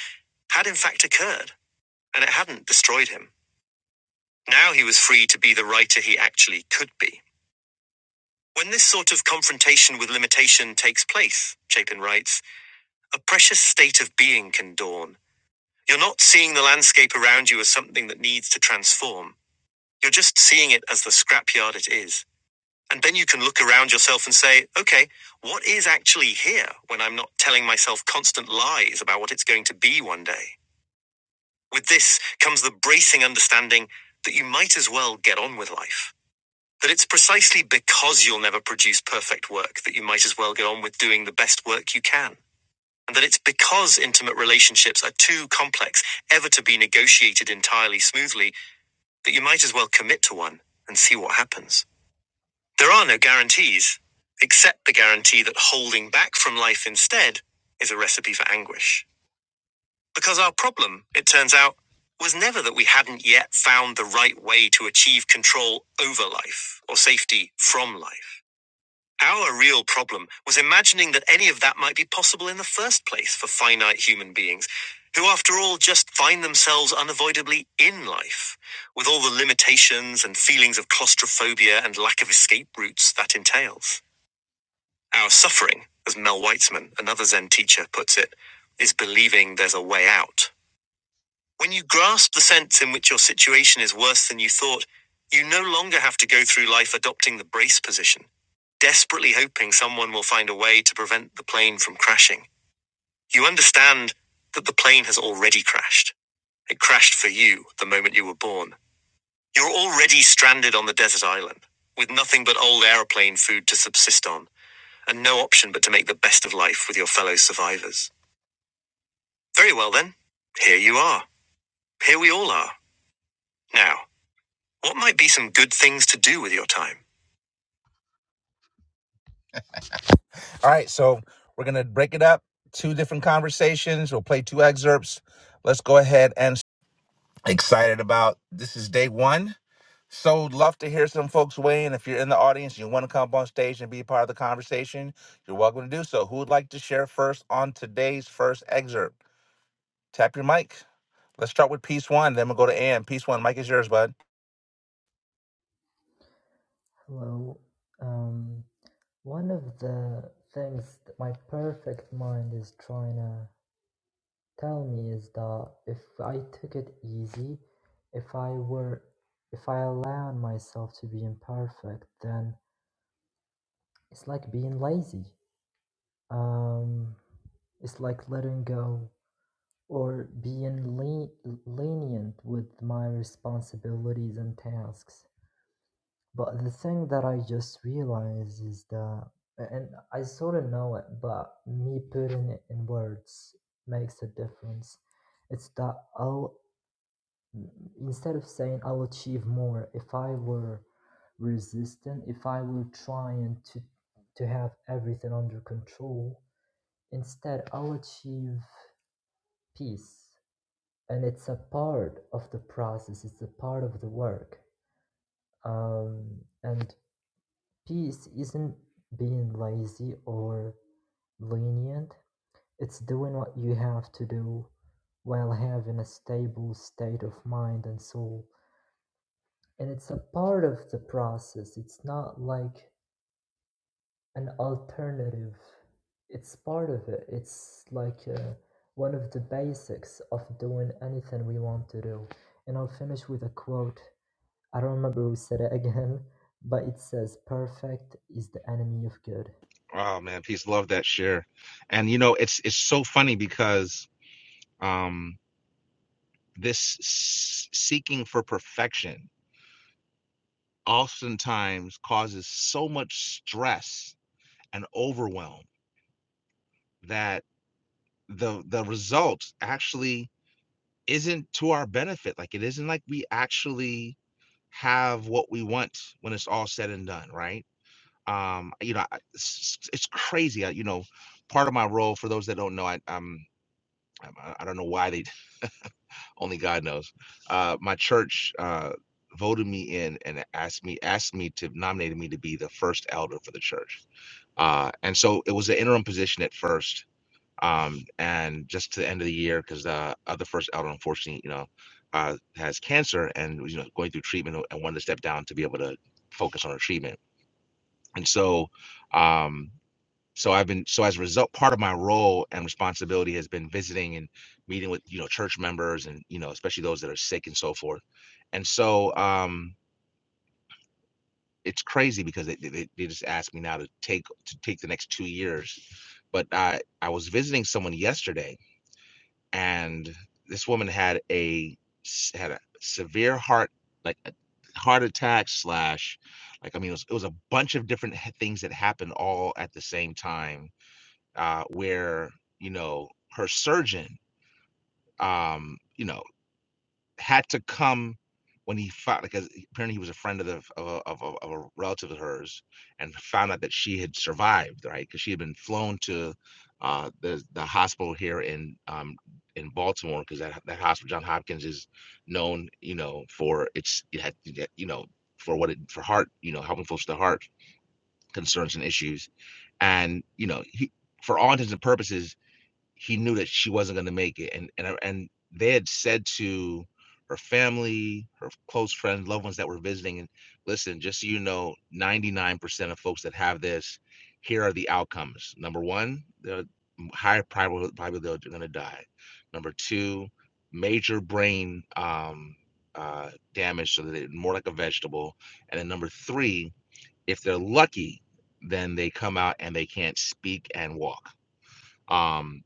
[SPEAKER 1] had in fact occurred, and it hadn't destroyed him. Now he was free to be the writer he actually could be. When this sort of confrontation with limitation takes place, Chapin writes, A precious state of being can dawn. You're not seeing the landscape around you as something that needs to transform. You're just seeing it as the scrapyard it is. And then you can look around yourself and say, okay, what is actually here when I'm not telling myself constant lies about what it's going to be one day? With this comes the bracing understanding that you might as well get on with life. That it's precisely because you'll never produce perfect work that you might as well get on with doing the best work you can and that it's because intimate relationships are too complex ever to be negotiated entirely smoothly that you might as well commit to one and see what happens. There are no guarantees, except the guarantee that holding back from life instead is a recipe for anguish. Because our problem, it turns out, was never that we hadn't yet found the right way to achieve control over life or safety from life. Our real problem was imagining that any of that might be possible in the first place for finite human beings, who, after all, just find themselves unavoidably in life, with all the limitations and feelings of claustrophobia and lack of escape routes that entails. Our suffering, as Mel Weitzman, another Zen teacher, puts it, is believing there's a way out. When you grasp the sense in which your situation is worse than you thought, you no longer have to go through life adopting the brace position, desperately hoping someone will find a way to prevent the plane from crashing. You understand that the plane has already crashed. It crashed for you the moment you were born. You're already stranded on the desert island, with nothing but old aeroplane food to subsist on, and no option but to make the best of life with your fellow survivors. Very well then, here you are. Here we all are. Now, What might be some good things to do with your time? All right, so we're going to break it up. Two different conversations. We'll play two excerpts. Let's go ahead and excited about this is day one. So love to hear some folks weigh in. If you're in the audience, you want to come up on stage and be a part of the conversation, you're welcome to do so. Who would like to share first on today's first excerpt? Tap your mic. Let's start with piece one, then we'll go to Ann. Piece one, mic is yours, bud.
[SPEAKER 11] Hello. Um, one of the things that my perfect mind is trying to tell me is that if I took it easy, if I were, if I allowed myself to be imperfect, then it's like being lazy. Um, it's like letting go or being le- lenient with my responsibilities and tasks. But the thing that I just realized is that, and I sort of know it, but me putting it in words makes a difference. It's that I'll, instead of saying I'll achieve more, if I were resistant, if I were trying to, to have everything under control, instead I'll achieve peace. And it's a part of the process, it's a part of the work. Um, and Peace isn't being lazy or lenient, it's doing what you have to do while having a stable state of mind and soul. And it's a part of the process, it's not like an alternative, it's part of it. It's like uh, one of the basics of doing anything we want to do. And I'll finish with a quote. I don't remember who said it again, but it says, Perfect is the enemy of good.
[SPEAKER 1] Oh man, peace, love that share. And you know, it's it's so funny because um this s- seeking for perfection oftentimes causes so much stress and overwhelm that the the result actually isn't to our benefit like it isn't like we actually have what we want when it's all said and done right um you know I- it's, it's crazy I, you know part of my role for those that don't know i um i, I don't know why they only God knows. Uh, my church uh, voted me in and asked me asked me to nominated me to be the first elder for the church. Uh, and so it was an interim position at first, um, and just to the end of the year because the other first elder, unfortunately, you know, uh, has cancer and was, you know going through treatment and wanted to step down to be able to focus on her treatment. And so um, so I've been so as a result, part of my role and responsibility has been visiting and meeting with you know church members and you know especially those that are sick and so forth. And so um, it's crazy because they, they they just asked me now to take to take the next two years, but I I was visiting someone yesterday and this woman had a s- had a severe heart like a heart attack slash like I mean it was, it was a bunch of different he- things that happened all at the same time uh, where you know her surgeon, um, you know, had to come when he found because apparently he was a friend of the of a, of, a, of a relative of hers and found out that she had survived, right? Because she had been flown to uh, the the hospital here in um, in Baltimore because that that hospital John Hopkins is known, you know, for its it had, you know for what it for heart, you know, helping folks with the heart concerns and issues, and you know he for all intents and purposes he knew that she wasn't going to make it and and and they had said to her family her close friends loved ones that were visiting and listen just so you know 99% of folks that have this here are the outcomes number one the high probability they're going to die number two major brain um, uh, damage so that they're more like a vegetable and then number three if they're lucky then they come out and they can't speak and walk um,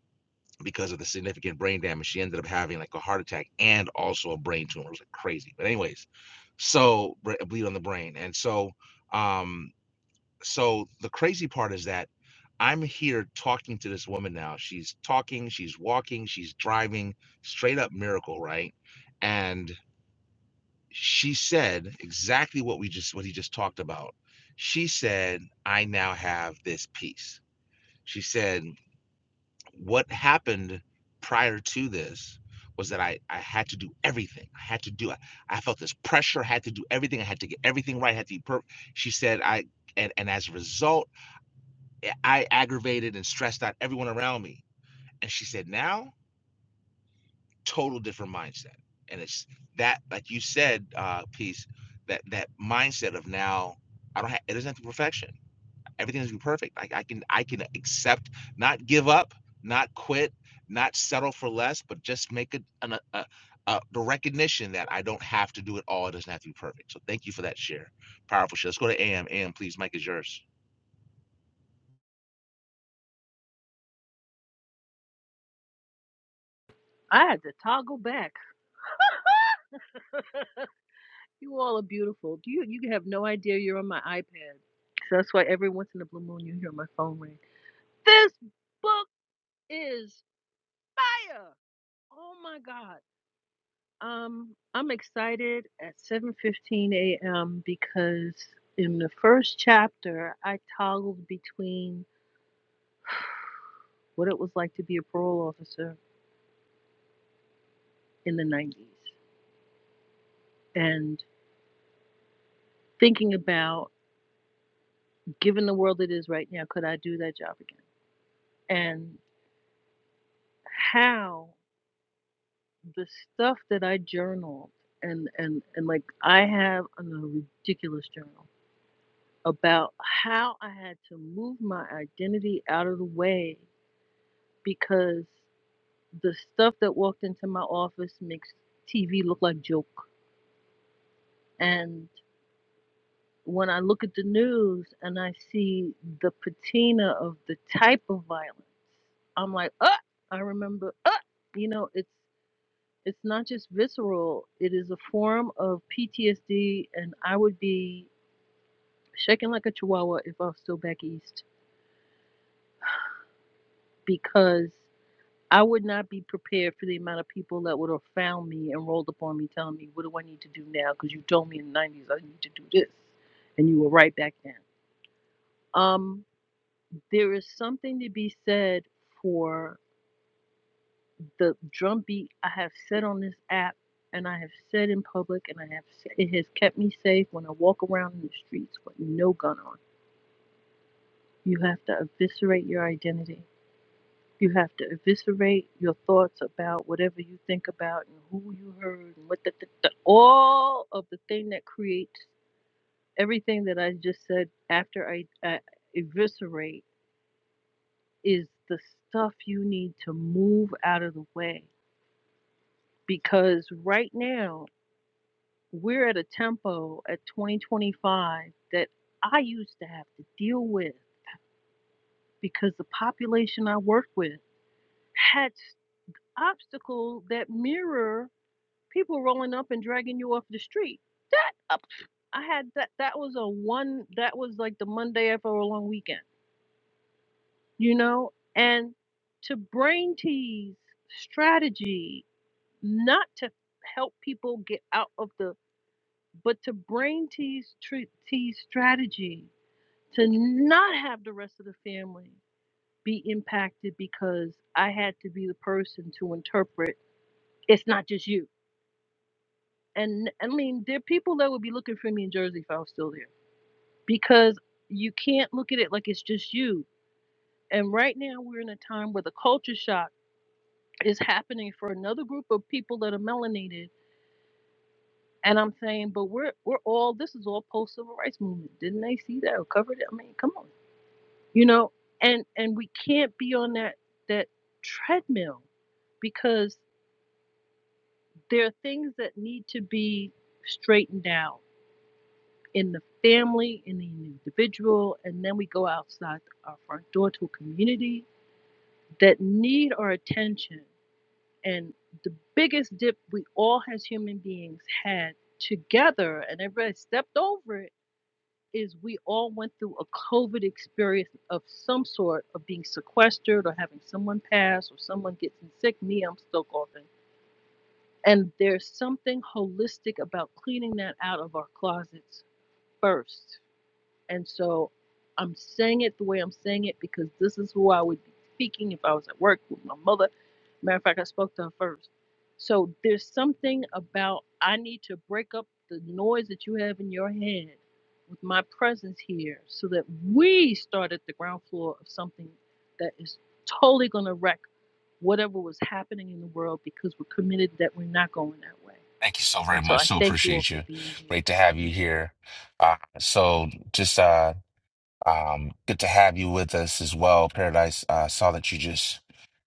[SPEAKER 1] because of the significant brain damage. She ended up having like a heart attack and also a brain tumor. It was like crazy. But anyways, so bleed on the brain. And so, um, so the crazy part is that I'm here talking to this woman now. She's talking, she's walking, she's driving, straight up miracle, right? And she said exactly what we just what he just talked about. She said, I now have this peace. She said, what happened prior to this was that I, I had to do everything. I had to do I, I felt this pressure, I had to do everything. I had to get everything right. I had to be perfect. She said I and, and as a result, eh, I aggravated and stressed out everyone around me. And she said, now total different mindset. And it's that like you said, uh, piece, that that mindset of now I don't have it doesn't have to be perfection Everything's gonna be perfect. I, I can I can accept, not give up, not quit, not settle for less, but just make it an, a, a, a the recognition that I don't have to do it all. It doesn't have to be perfect. So thank you for that share. Powerful share. Let's go to AM. AM, please. Mike is yours.
[SPEAKER 6] I had to toggle back. You all are beautiful. Do you you have no idea you're on my iPad. So that's why every once in a blue moon you hear my phone ring. This book is fire. Oh my god. Um I'm excited at 7:15 a.m. because in the first chapter I toggled between what it was like to be a parole officer in the 90s and thinking about given the world it is right now could I do that job again? And how the stuff that I journaled and and and like I have a ridiculous journal about how I had to move my identity out of the way because the stuff that walked into my office makes TV look like joke and when I look at the news and I see the patina of the type of violence I'm like uh I remember uh you know it's It's not just visceral, it is a form of PTSD, and I would be shaking like a chihuahua if I was still back east because I would not be prepared for the amount of people that would have found me and rolled up on me telling me, What do I need to do now? Because you told me in the 90s I need to do this, and you were right back then. Um, there is something to be said for the drumbeat I have set on this app and I have said in public and I have said, it has kept me safe when I walk around in the streets with no gun on. You have to eviscerate your identity. You have to eviscerate your thoughts about whatever you think about and who you heard and what the, the, the all of the thing that creates everything that I just said after I, I eviscerate is the stuff you need to move out of the way because right now We're at a tempo at 2025 that I used to have to deal with because the population I worked with had obstacles that mirror people rolling up and dragging you off the street. That up, I had that. That was a one. That was like the Monday after a long weekend, you know. And to brain tease strategy, not to help people get out of the, but to brain tease tease strategy to not have the rest of the family be impacted because I had to be the person to interpret it's not just you. And I mean, there are people that would be looking for me in Jersey if I was still there because you can't look at it like it's just you. And right now, we're in a time where the culture shock is happening for another group of people that are melanated. And I'm saying, but we're we're all this is all post civil rights movement. Didn't they see that or covered it? I mean, come on. you know and and we can't be on that that treadmill because there are things that need to be straightened out in the family in the individual and then we go outside our front door to a community that need our attention and the biggest dip we all as human beings had together and everybody stepped over it is we all went through a COVID experience of some sort of being sequestered or having someone pass or someone gets sick. Me, I'm still coughing. And there's something holistic about cleaning that out of our closets first and so I'm saying it the way I'm saying it because this is who I would be speaking if I was at work with my mother. Matter of fact, I spoke to her first. So there's something about I need to break up the noise that you have in your head with my presence here so that we start at the ground floor of something that is totally going to wreck whatever was happening in the world because we're committed that we're not going that way. And so I
[SPEAKER 1] So
[SPEAKER 6] thank
[SPEAKER 1] appreciate
[SPEAKER 6] you all for being here.
[SPEAKER 1] great to have you here. Uh, so, um, good to have you with us as well, Paradise. I uh, saw that you just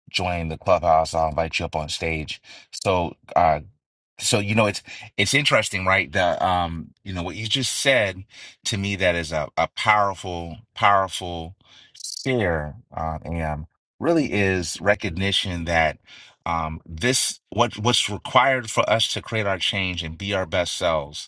[SPEAKER 1] joined the clubhouse. I'll invite you up on stage. So, uh, So, you know, it's it's interesting, right? The um, you know, what you just said to me that is a, a powerful, powerful share, uh, and really is recognition that um this what what's required for us to create our change and be our best selves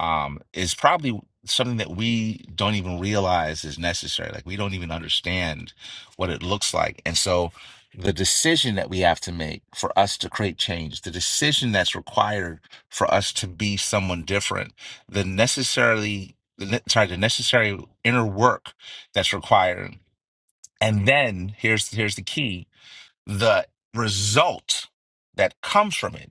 [SPEAKER 1] um, is probably something that we don't even realize is necessary. Like we don't even understand what it looks like. And so the decision that we have to make for us to create change, the decision that's required for us to be someone different, the necessarily the ne- sorry, the necessary inner work that's required. And then here's here's the key, the result that comes from it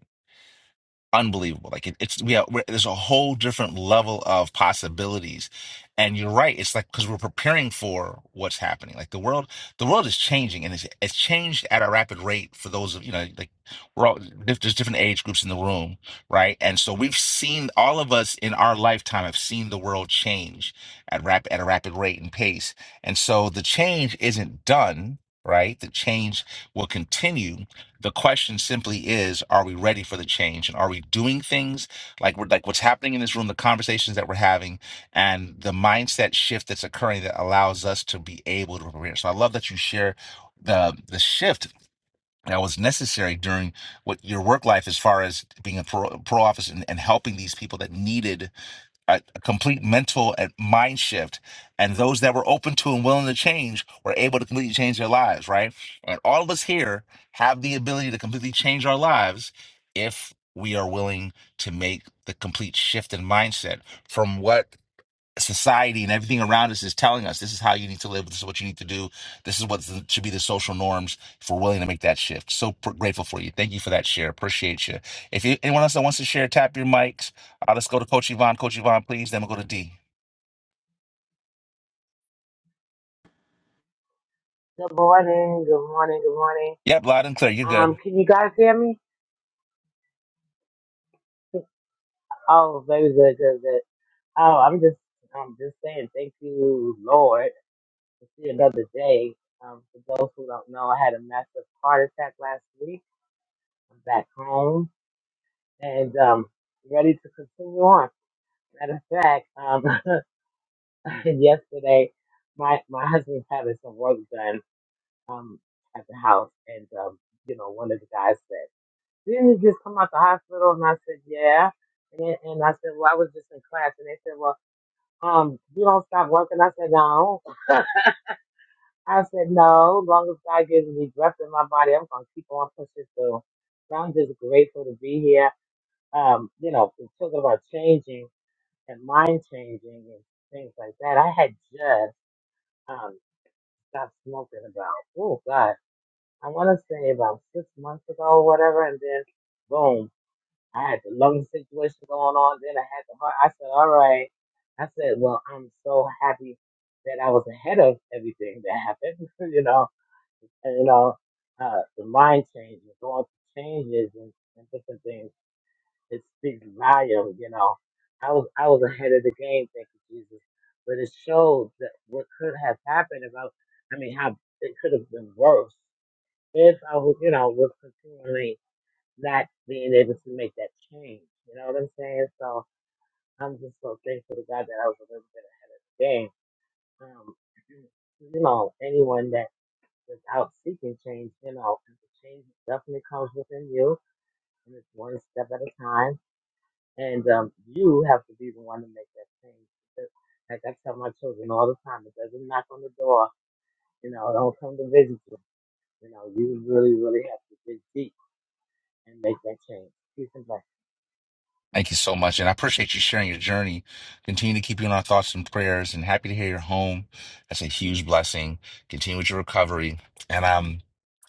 [SPEAKER 1] unbelievable. Like it, it's we have, we're, there's a whole different level of possibilities, and you're right. It's like because we're preparing for what's happening. Like the world, the world is changing, and it's it's changed at a rapid rate. For those of you know, like we're all dif- there's different age groups in the room, right? And so we've seen all of us in our lifetime have seen the world change at rap at a rapid rate and pace, and so the change isn't done. Right, the change will continue, the question simply is are we ready for the change and are we doing things like we're like what's happening in this room the conversations that we're having and the mindset shift that's occurring that allows us to be able to prepare so i love that you share the the shift that was necessary during what your work life as far as being a pro, pro office and, and helping these people that needed a, a complete mental and mind shift. And those that were open to and willing to change were able to completely change their lives, right? And all of us here have the ability to completely change our lives if we are willing to make the complete shift in mindset from what society and everything around us is telling us this is how you need to live. This is what you need to do. This is what the- should be the social norms. If we're willing to make that shift, so pr- grateful for you. Thank you for that share. Appreciate you. If you, anyone else that wants to share, tap your mics. Uh, let's go to Coach Yvonne. Coach Yvonne, please. Then we'll go to D.
[SPEAKER 12] Good morning, good morning, good morning.
[SPEAKER 1] Yep, loud and clear. You're good.
[SPEAKER 12] Um, can you guys hear me? Oh, very good, good, good. Oh, I'm just, I'm just saying thank you, Lord, to see another day. Um, for those who don't know, I had a massive heart attack last week. I'm back home and um, ready to continue on. Matter of fact, um, yesterday, my my husband's having some work done um at the house, and um, you know, one of the guys said. didn't you just come out the hospital? And I said, yeah. And, and I said, well, I was just in class. And they said, well, um, you don't stop working. I said, no. I said, no. As long as God gives me breath in my body, I'm going to keep on pushing through. So I'm just grateful to be here. Um, you know, the children are changing and mind changing and things like that. I had just um, stopped smoking about, oh, God, I want to say about six months ago or whatever. And then, boom. I had the lung situation going on. Then I had the heart. I said, all right. I said, well, I'm so happy that I was ahead of everything that happened, you know, and, you know, uh, the mind changes, going through changes and, and different things. It speaks volume, you know. I was, I was ahead of the game. Thank you, Jesus. But it showed that what could have happened about, I mean, how it could have been worse if I was, you know, was continually not being able to make that change. You know what I'm saying? So I'm just so thankful to God that I was a little bit ahead of the game. Um, you know, anyone that is out seeking change, you know, the change definitely comes within you, and it's one step at a time. And um, you have to be the one to make that change. Because, Like I tell my children all the time, it doesn't knock on the door. You know, don't come to visit you. You know, you really, really have to dig deep and make that change. Peace and blessings.
[SPEAKER 1] Thank you so much, and I appreciate you sharing your journey. Continue to keep you in our thoughts and prayers, and happy to hear you're home. That's a huge blessing. Continue with your recovery, and um.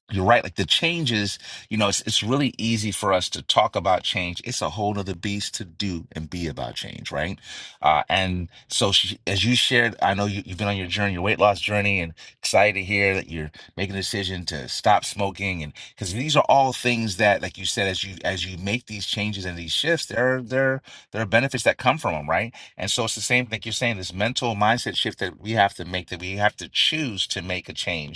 [SPEAKER 1] You're right. Like the changes, you know, it's it's really easy for us to talk about change. It's a whole nother beast to do and be about change, right? Uh, and so, she, as you shared, I know you, you've been on your journey, your weight loss journey, and excited to hear that you're making a decision to stop smoking. And because these are all things that, like you said, as you as you make these changes and these shifts, there are there are- there are benefits that come from them, right? And so it's the same thing you're saying. This mental mindset shift that we have to make, that we have to choose to make a change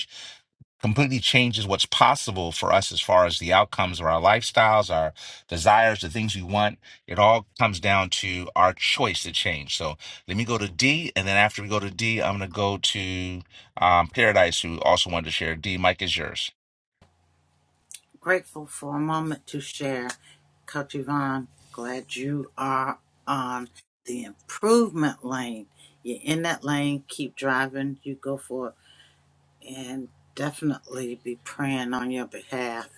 [SPEAKER 1] completely changes what's possible for us as far as the outcomes of our lifestyles, our desires, the things we want. It all comes down to our choice to change. So let me go to D, and then after we go to D, I'm going to go to um, Paradise, who also wanted to share. D, Mike is yours.
[SPEAKER 2] grateful for a moment to share. Coach Yvonne, glad you are on the improvement lane. You're in that lane, keep driving, you go for it, and definitely be praying on your behalf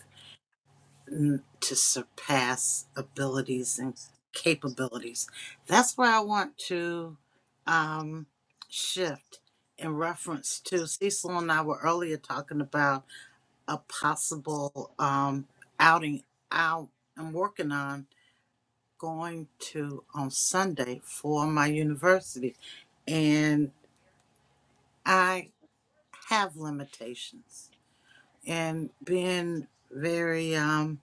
[SPEAKER 2] mm, to surpass abilities and capabilities. That's where I want to um, shift in reference to Cecil and I were earlier talking about a possible um, outing out I'm working on going to on Sunday for my university. And I have limitations. And being very um,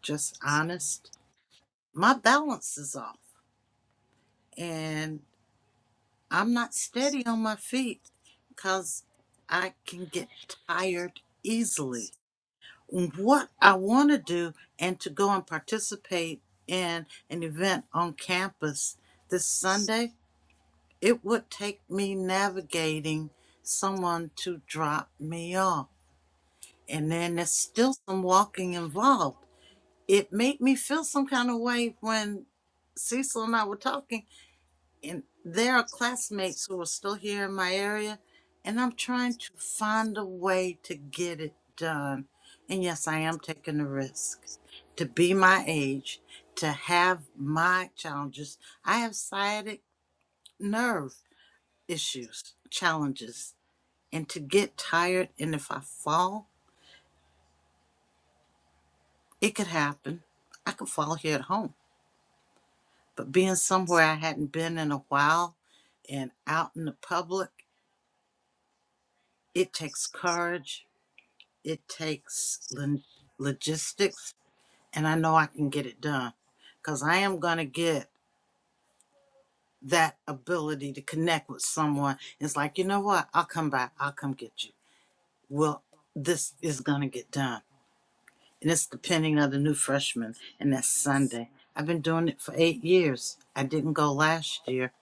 [SPEAKER 2] just honest, my balance is off. And I'm not steady on my feet because I can get tired easily what I want to do and to go and participate in an event on campus this Sunday, it would take me navigating someone to drop me off. And then there's still some walking involved. It made me feel some kind of way when Cecil and I were talking and there are classmates who are still here in my area, and I'm trying to find a way to get it done. And yes, I am taking a risk to be my age, to have my challenges. I have sciatic nerve issues, challenges, and to get tired. And if I fall, it could happen. I could fall here at home, but being somewhere I hadn't been in a while and out in the public, it takes courage it takes lin- logistics and i know i can get it done because i am going to get that ability to connect with someone it's like you know what i'll come by. i'll come get you well this is going to get done and it's depending on the new freshman and that's sunday i've been doing it for eight years i didn't go last year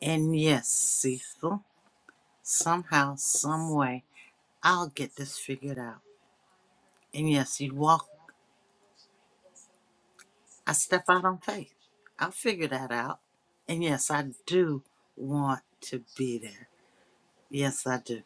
[SPEAKER 2] and yes cecil somehow some way i'll get this figured out and yes you walk I step out on faith. I'll figure that out. And yes, I do want to be there. Yes, I do.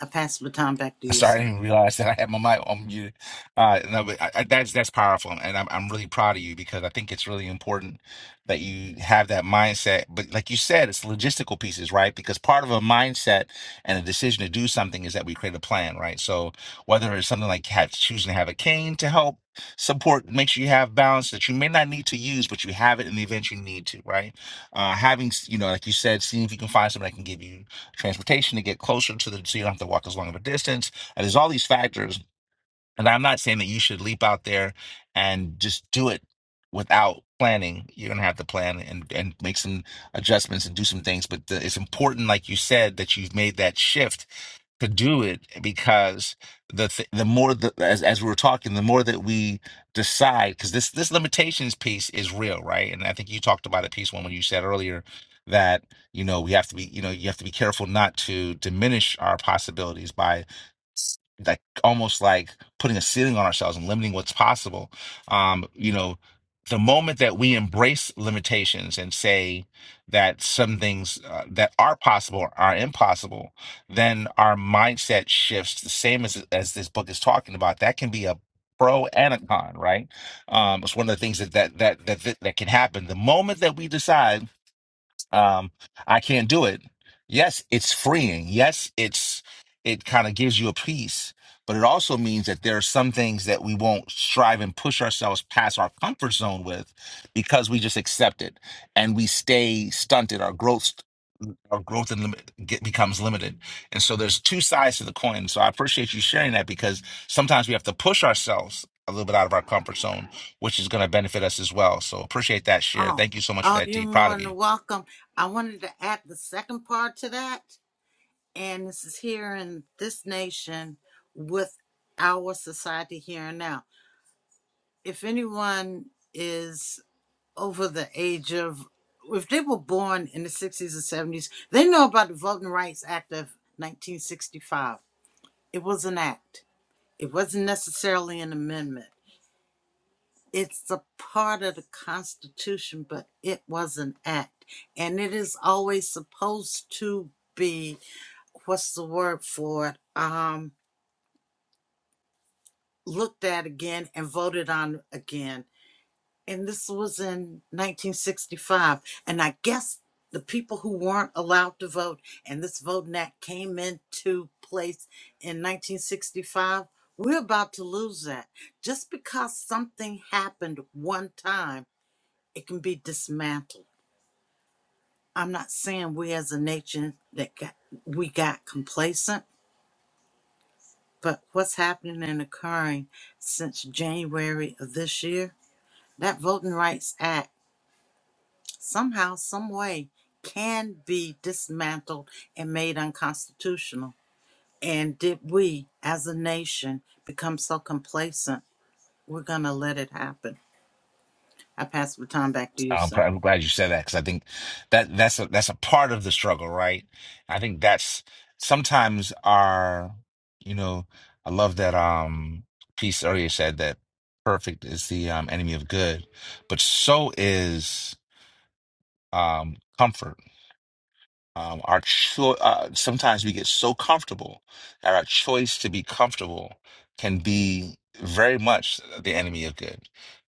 [SPEAKER 2] I pass the baton back to
[SPEAKER 1] I'm
[SPEAKER 2] you,
[SPEAKER 1] Sorry, I
[SPEAKER 2] sir.
[SPEAKER 1] didn't even realize that I had my mic on mute. Uh, no, but I, I, that's that's powerful, and I'm I'm really proud of you because I think it's really important that you have that mindset. But like you said, it's logistical pieces, right? Because part of a mindset and a decision to do something is that we create a plan, right? So whether it's something like have, choosing to have a cane to help support, make sure you have balance that you may not need to use, but you have it in the event you need to, right? Uh, having s- you know, like you said, seeing if you can find someone that can give you transportation to get closer to the, so you don't have to walk as long of a distance and there's all these factors. And I'm not saying that you should leap out there and just do it without planning. You're gonna have to plan and, and make some adjustments and do some things. But the, it's important, like you said, that you've made that shift to do it because the th- the more the, as as we were talking, the more that we decide because this this limitations piece is real, right? And I think you talked about it, piece one, when you said earlier that you know we have to be you know you have to be careful not to diminish our possibilities by like almost like putting a ceiling on ourselves and limiting what's possible. Um, you know, the moment that we embrace limitations and say that some things uh, that are possible are impossible, then our mindset shifts the same as as this book is talking about. That can be a pro and a con, right? Um, it's one of the things that that that that that, that can happen. The moment that we decide um, I can't do it. Yes, it's freeing. Yes, it's it kind of gives you a peace, but it also means that there are some things that we won't strive and push ourselves past our comfort zone with because we just accept it and we stay stunted. Our growth our growth and limit get, becomes limited. And so there's two sides to the coin. So I appreciate you sharing that because sometimes we have to push ourselves a little bit out of our comfort zone, which is going to benefit us as well. So appreciate that share.
[SPEAKER 2] Oh,
[SPEAKER 1] Thank you so much for
[SPEAKER 2] oh,
[SPEAKER 1] that,
[SPEAKER 2] you're
[SPEAKER 1] D. Proud
[SPEAKER 2] more
[SPEAKER 1] of you.
[SPEAKER 2] than welcome. I wanted to add the second part to that, and this is here in this nation with our society here and now. If anyone is over the age of, if they were born in the 60s or 70s, they know about the Voting Rights Act of 1965 It was an act. It wasn't necessarily an amendment. It's a part of the Constitution, but it was an act. And it is always supposed to be what's the word for it? Um, looked at again and voted on again and this was in 1965 and i guess the people who weren't allowed to vote and this voting act came into place in 1965 we're about to lose that just because something happened one time it can be dismantled i'm not saying we as a nation that got, we got complacent but what's happening and occurring since january of this year that voting rights act somehow, some way, can be dismantled and made unconstitutional. And did we, as a nation, become so complacent? We're going to let it happen. I pass the time back to you,
[SPEAKER 1] I'm,
[SPEAKER 2] sir.
[SPEAKER 1] glad- I'm glad you said that because I think that that's a that's a part of the struggle, right? I think that's sometimes our, you know, I love that um piece earlier said that perfect is the um enemy of good, but so is um comfort Um, our cho- uh, sometimes we get so comfortable that our choice to be comfortable can be very much the enemy of good,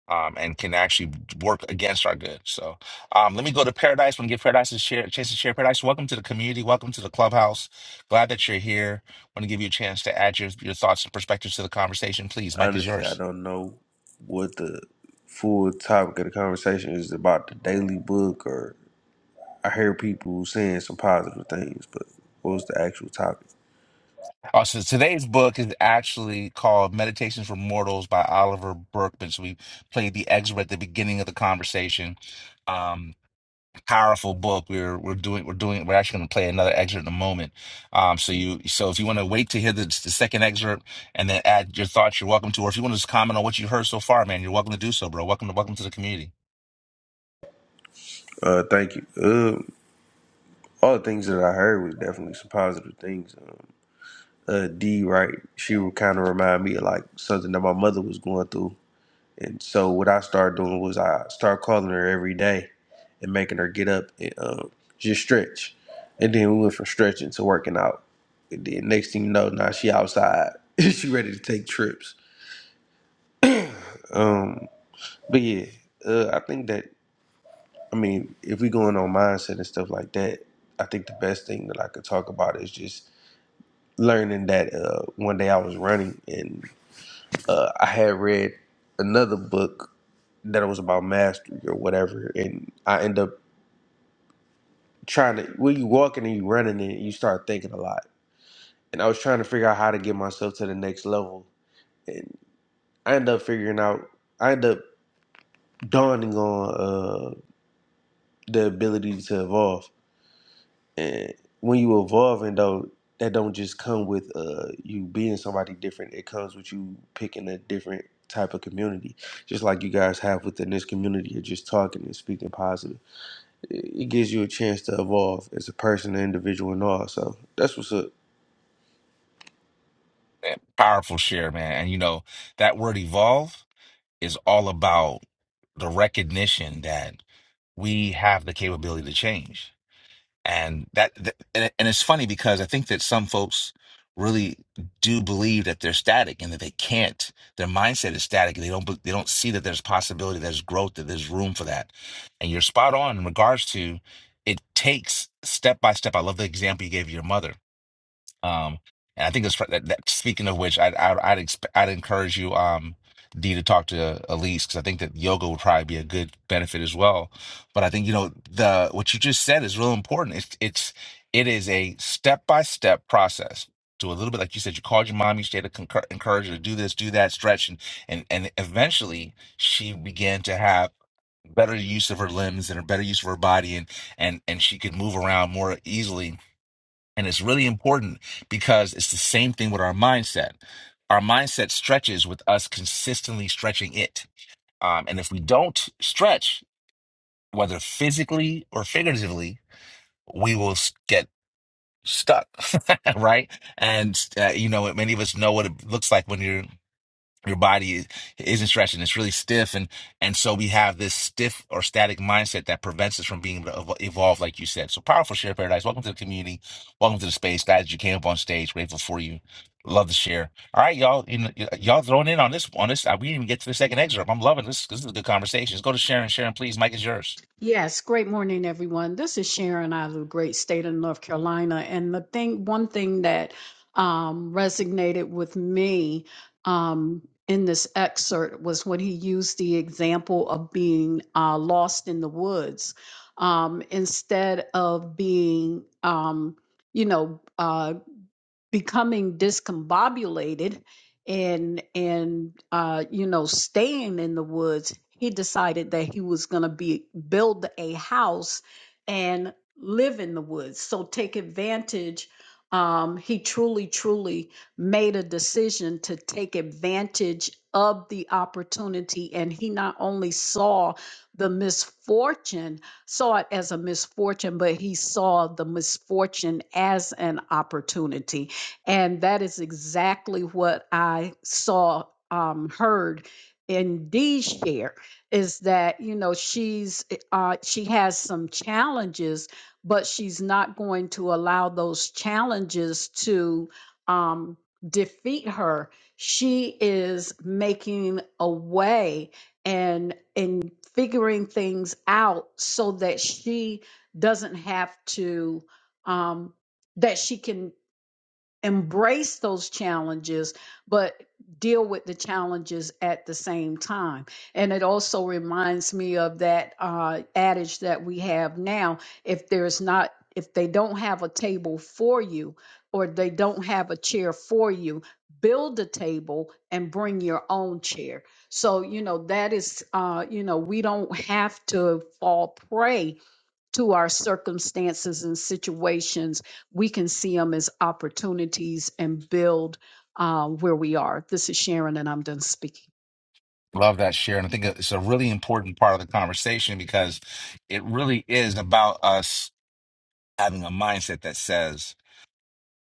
[SPEAKER 1] um, and can actually work against our good. So, um, let me go to Paradise. Want to give Paradise a share, chance to share Paradise. Welcome to the community. Welcome to the clubhouse. Glad that you're here. Want to give you a chance to add your your thoughts and perspectives to the conversation. Please, Mike is
[SPEAKER 13] Honestly, I
[SPEAKER 1] yours.
[SPEAKER 13] don't know what the full topic of the conversation is about the daily book, or I hear people saying some positive things, but what was the actual topic?
[SPEAKER 1] Oh, so today's book is actually called Meditations for Mortals by Oliver Berkman. So we played the excerpt at the beginning of the conversation. Um, powerful book. We're we're doing we're doing we're actually going to play another excerpt in a moment. Um, so you so if you want to wait to hear the, the second excerpt and then add your thoughts, you're welcome to. Or if you want to just comment on what you heard so far, man, you're welcome to do so, bro. Welcome to welcome to the community.
[SPEAKER 13] Uh, thank you. Um, all the things that I heard was definitely some positive things. Um, uh, D, right? She would kind of remind me of like something that my mother was going through. And so what I started doing was I started calling her every day and making her get up and um, just stretch. And then we went from stretching to working out. And then next thing you know, now she outside. she ready to take trips. Um, but yeah, uh, I think that I mean, if we going on mindset and stuff like that, I think the best thing that I could talk about is just learning that uh, one day I was running and uh, I had read another book that it was about mastery or whatever, and I end up trying to when you walking and you running and you start thinking a lot. And I was trying to figure out how to get myself to the next level, and I ended up figuring out. I ended up dawning on uh, the ability to evolve. And when you evolving though, that don't just come with uh, you being somebody different. It comes with you picking a different type of community, just like you guys have within this community of just talking and speaking positive. It it gives you a chance to evolve as a person, an individual, and all. So that's what's up.
[SPEAKER 1] Man, powerful share, man. And you know that word evolve is all about the recognition that. we have the capability to change. And that, th- and, it- and it's funny because I think that some folks really do believe that they're static and that they can't. Their mindset is static and they don't be- they don't see that there's possibility, there's growth, that there's room for that. And you're spot on in regards to it takes step by step. I love the example you gave of your mother um, and I think it's that, that speaking of which, I, I, I'd exp I'd encourage you, um, D, to talk to Elise because I think that yoga would probably be a good benefit as well. But I think you know the what you just said is real important. It's it's it is a step by step process. Do a little bit like you said. You called your mom each day to concur, encourage her to do this, do that, stretch, and and and eventually she began to have better use of her limbs and a better use of her body, and and and she could move around more easily and it's really important because it's the same thing with our mindset. Our mindset stretches with us consistently stretching it. Um, and if we don't stretch, whether physically or figuratively, we will s- get stuck, right? And, uh, you know, many of us know what it looks like when you're your body is, isn't stretching; it's really stiff and and so we have this stiff or static mindset that prevents us from being able to evo- evolve like you said so powerful share paradise welcome to the community welcome to the space glad you came up on stage grateful for you love to share all right y'all you know, y- y'all throwing in on this on this uh, we didn't even get to the second excerpt i'm loving this this is a good conversation let's go to sharon sharon please mike is yours
[SPEAKER 5] Yes, great morning, everyone. This is Sharon out of the great state of North Carolina. And the thing, one thing that um, resonated with me um, in this excerpt was when he used the example of being uh, lost in the woods um, instead of being, um, you know, uh, becoming discombobulated and and uh, you know staying in the woods, he decided that he was going to be build a house and live in the woods. So take advantage. Um, he truly, truly made a decision to take advantage of the opportunity, and he not only saw the misfortune, saw it as a misfortune, but he saw the misfortune as an opportunity and that is exactly what I saw, um, heard in Dee's share is that, you know, she's, eh, uh, she has some challenges, but she's not going to allow those challenges to, um, defeat her. She is making a way and, and figuring things out so that she doesn't have to, um, that she can embrace those challenges, but deal with the challenges at the same time. And it also reminds me of that uh, adage that we have now if there's not, if they don't have a table for you or they don't have a chair for you, build a table and bring your own chair. So, you know, that is, uh, you know, we don't have to fall prey to our circumstances and situations, we can see them as opportunities and build uh, where we are. This is Sharon, and I'm done speaking.
[SPEAKER 1] Love that share. And I think it's a really important part of the conversation because it really is about us having a mindset that says,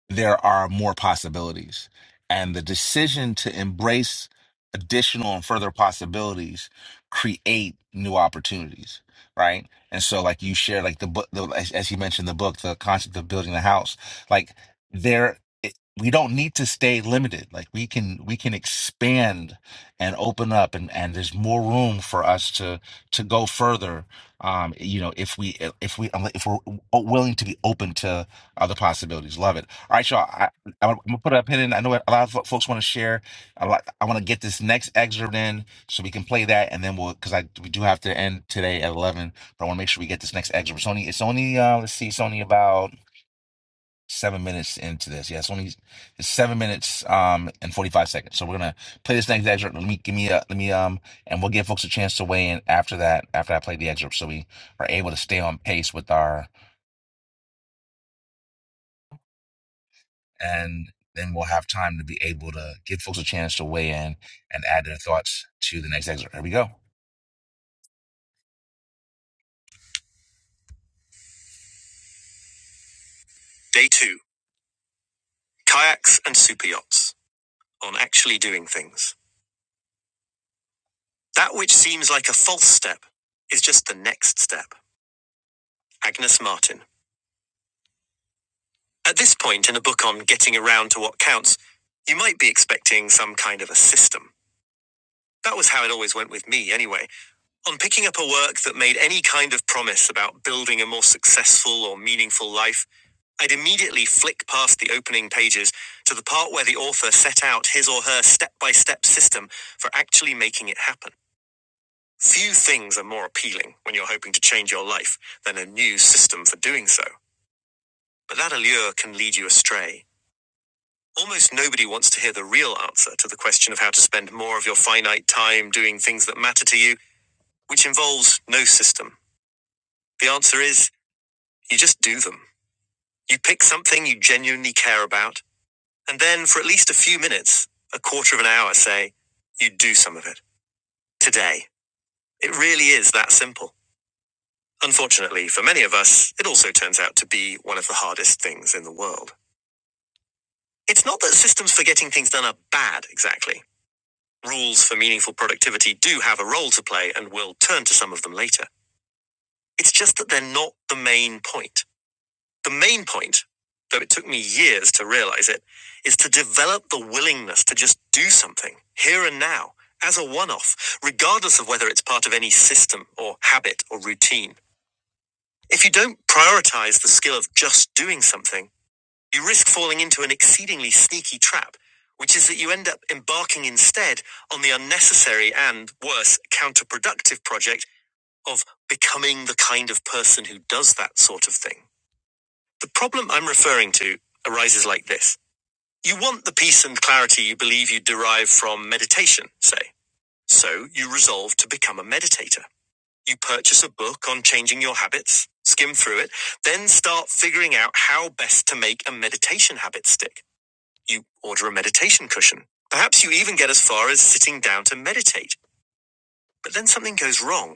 [SPEAKER 1] there are more possibilities. And the decision to embrace additional and further possibilities create new opportunities, right? And so, like you shared, like the book, the, as, as you mentioned, the book, the concept of building a house, like there, it, we don't need to stay limited. Like we can, we can expand and open up, and and there's more room for us to to go further. Um, you know, if we if we if we're willing to be open to other possibilities, love it. All right, y'all. I, I'm gonna put a pin in. I know a lot of fo- folks want to share. A lot. I want to get this next excerpt in so we can play that, and then we'll because I we do have to end today at 11. But I want to make sure we get this next excerpt. It's only it's only uh, let's see, it's only about seven minutes into this. Yeah, it's only it's seven minutes um and 45 seconds. So we're gonna play this next excerpt. Let me give me a let me um and we'll give folks a chance to weigh in after that after I play the excerpt, so we are able to stay on pace with our and then we'll have time to be able to give folks a chance to weigh in and add their thoughts to the next excerpt. Here we go. Day two kayaks and super yachts on actually doing things. That which seems like a false step is just the next step. Agnes Martin. At this point in a book on getting around to what counts, you might be expecting some kind of a system. That was how it always went with me, anyway. On picking up a work that made any kind of promise about building a more successful or meaningful life, I'd immediately flick past the opening pages to the part where the author set out his or her step by step system for actually making it happen. Few things are more appealing when you're hoping to change your life than a new system for doing so. But that allure can lead you astray. Almost nobody wants to hear the real answer to the question of how to spend more of your finite time doing things that matter to you, which involves no system. The answer is you just do them. You pick something you genuinely care about And then, for at least a few minutes, a quarter of an hour, say, you do some of it. Today. It really is that simple. Unfortunately, for many of us, it also turns out to be one of the hardest things in the world. It's not that systems for getting things done are bad, exactly. Rules for meaningful productivity do have a role to play and we'll turn to some of them later. It's just that they're not the main point. The main point, though it took me years to realize it, is to develop the willingness to just do something here and now as a one off, regardless of whether it's part of any system or habit or routine. If you don't prioritize the skill of just doing something, you risk falling into an exceedingly sneaky trap, which is that you end up embarking instead on the unnecessary and, worse, counterproductive project of becoming the kind of person who does that sort of thing. The problem I'm referring to arises like this. You want the peace and clarity you believe you derive from meditation, say. So you resolve to become a meditator. You purchase a book on changing your habits, skim through it, then start figuring out how best to make a meditation habit stick. You order a meditation cushion. Perhaps you even get as far as sitting down to meditate. But then something goes wrong.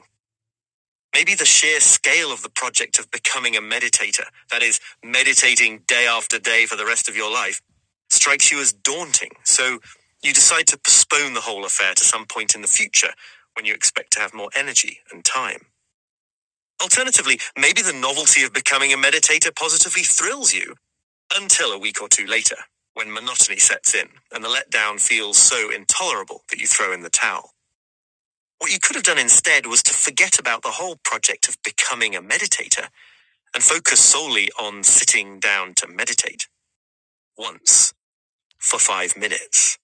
[SPEAKER 1] Maybe the sheer scale of the project of becoming a meditator, that is, meditating day after day for the rest of your life, strikes you as daunting. So you decide to postpone the whole affair to some point in the future when you expect to have more energy and time. Alternatively, maybe the novelty of becoming a meditator positively thrills you until a week or two later, when monotony sets in and the letdown feels so intolerable that you throw in the towel. What you could have done instead was to forget about the whole project of becoming a meditator and focus solely on sitting down to meditate once for five minutes.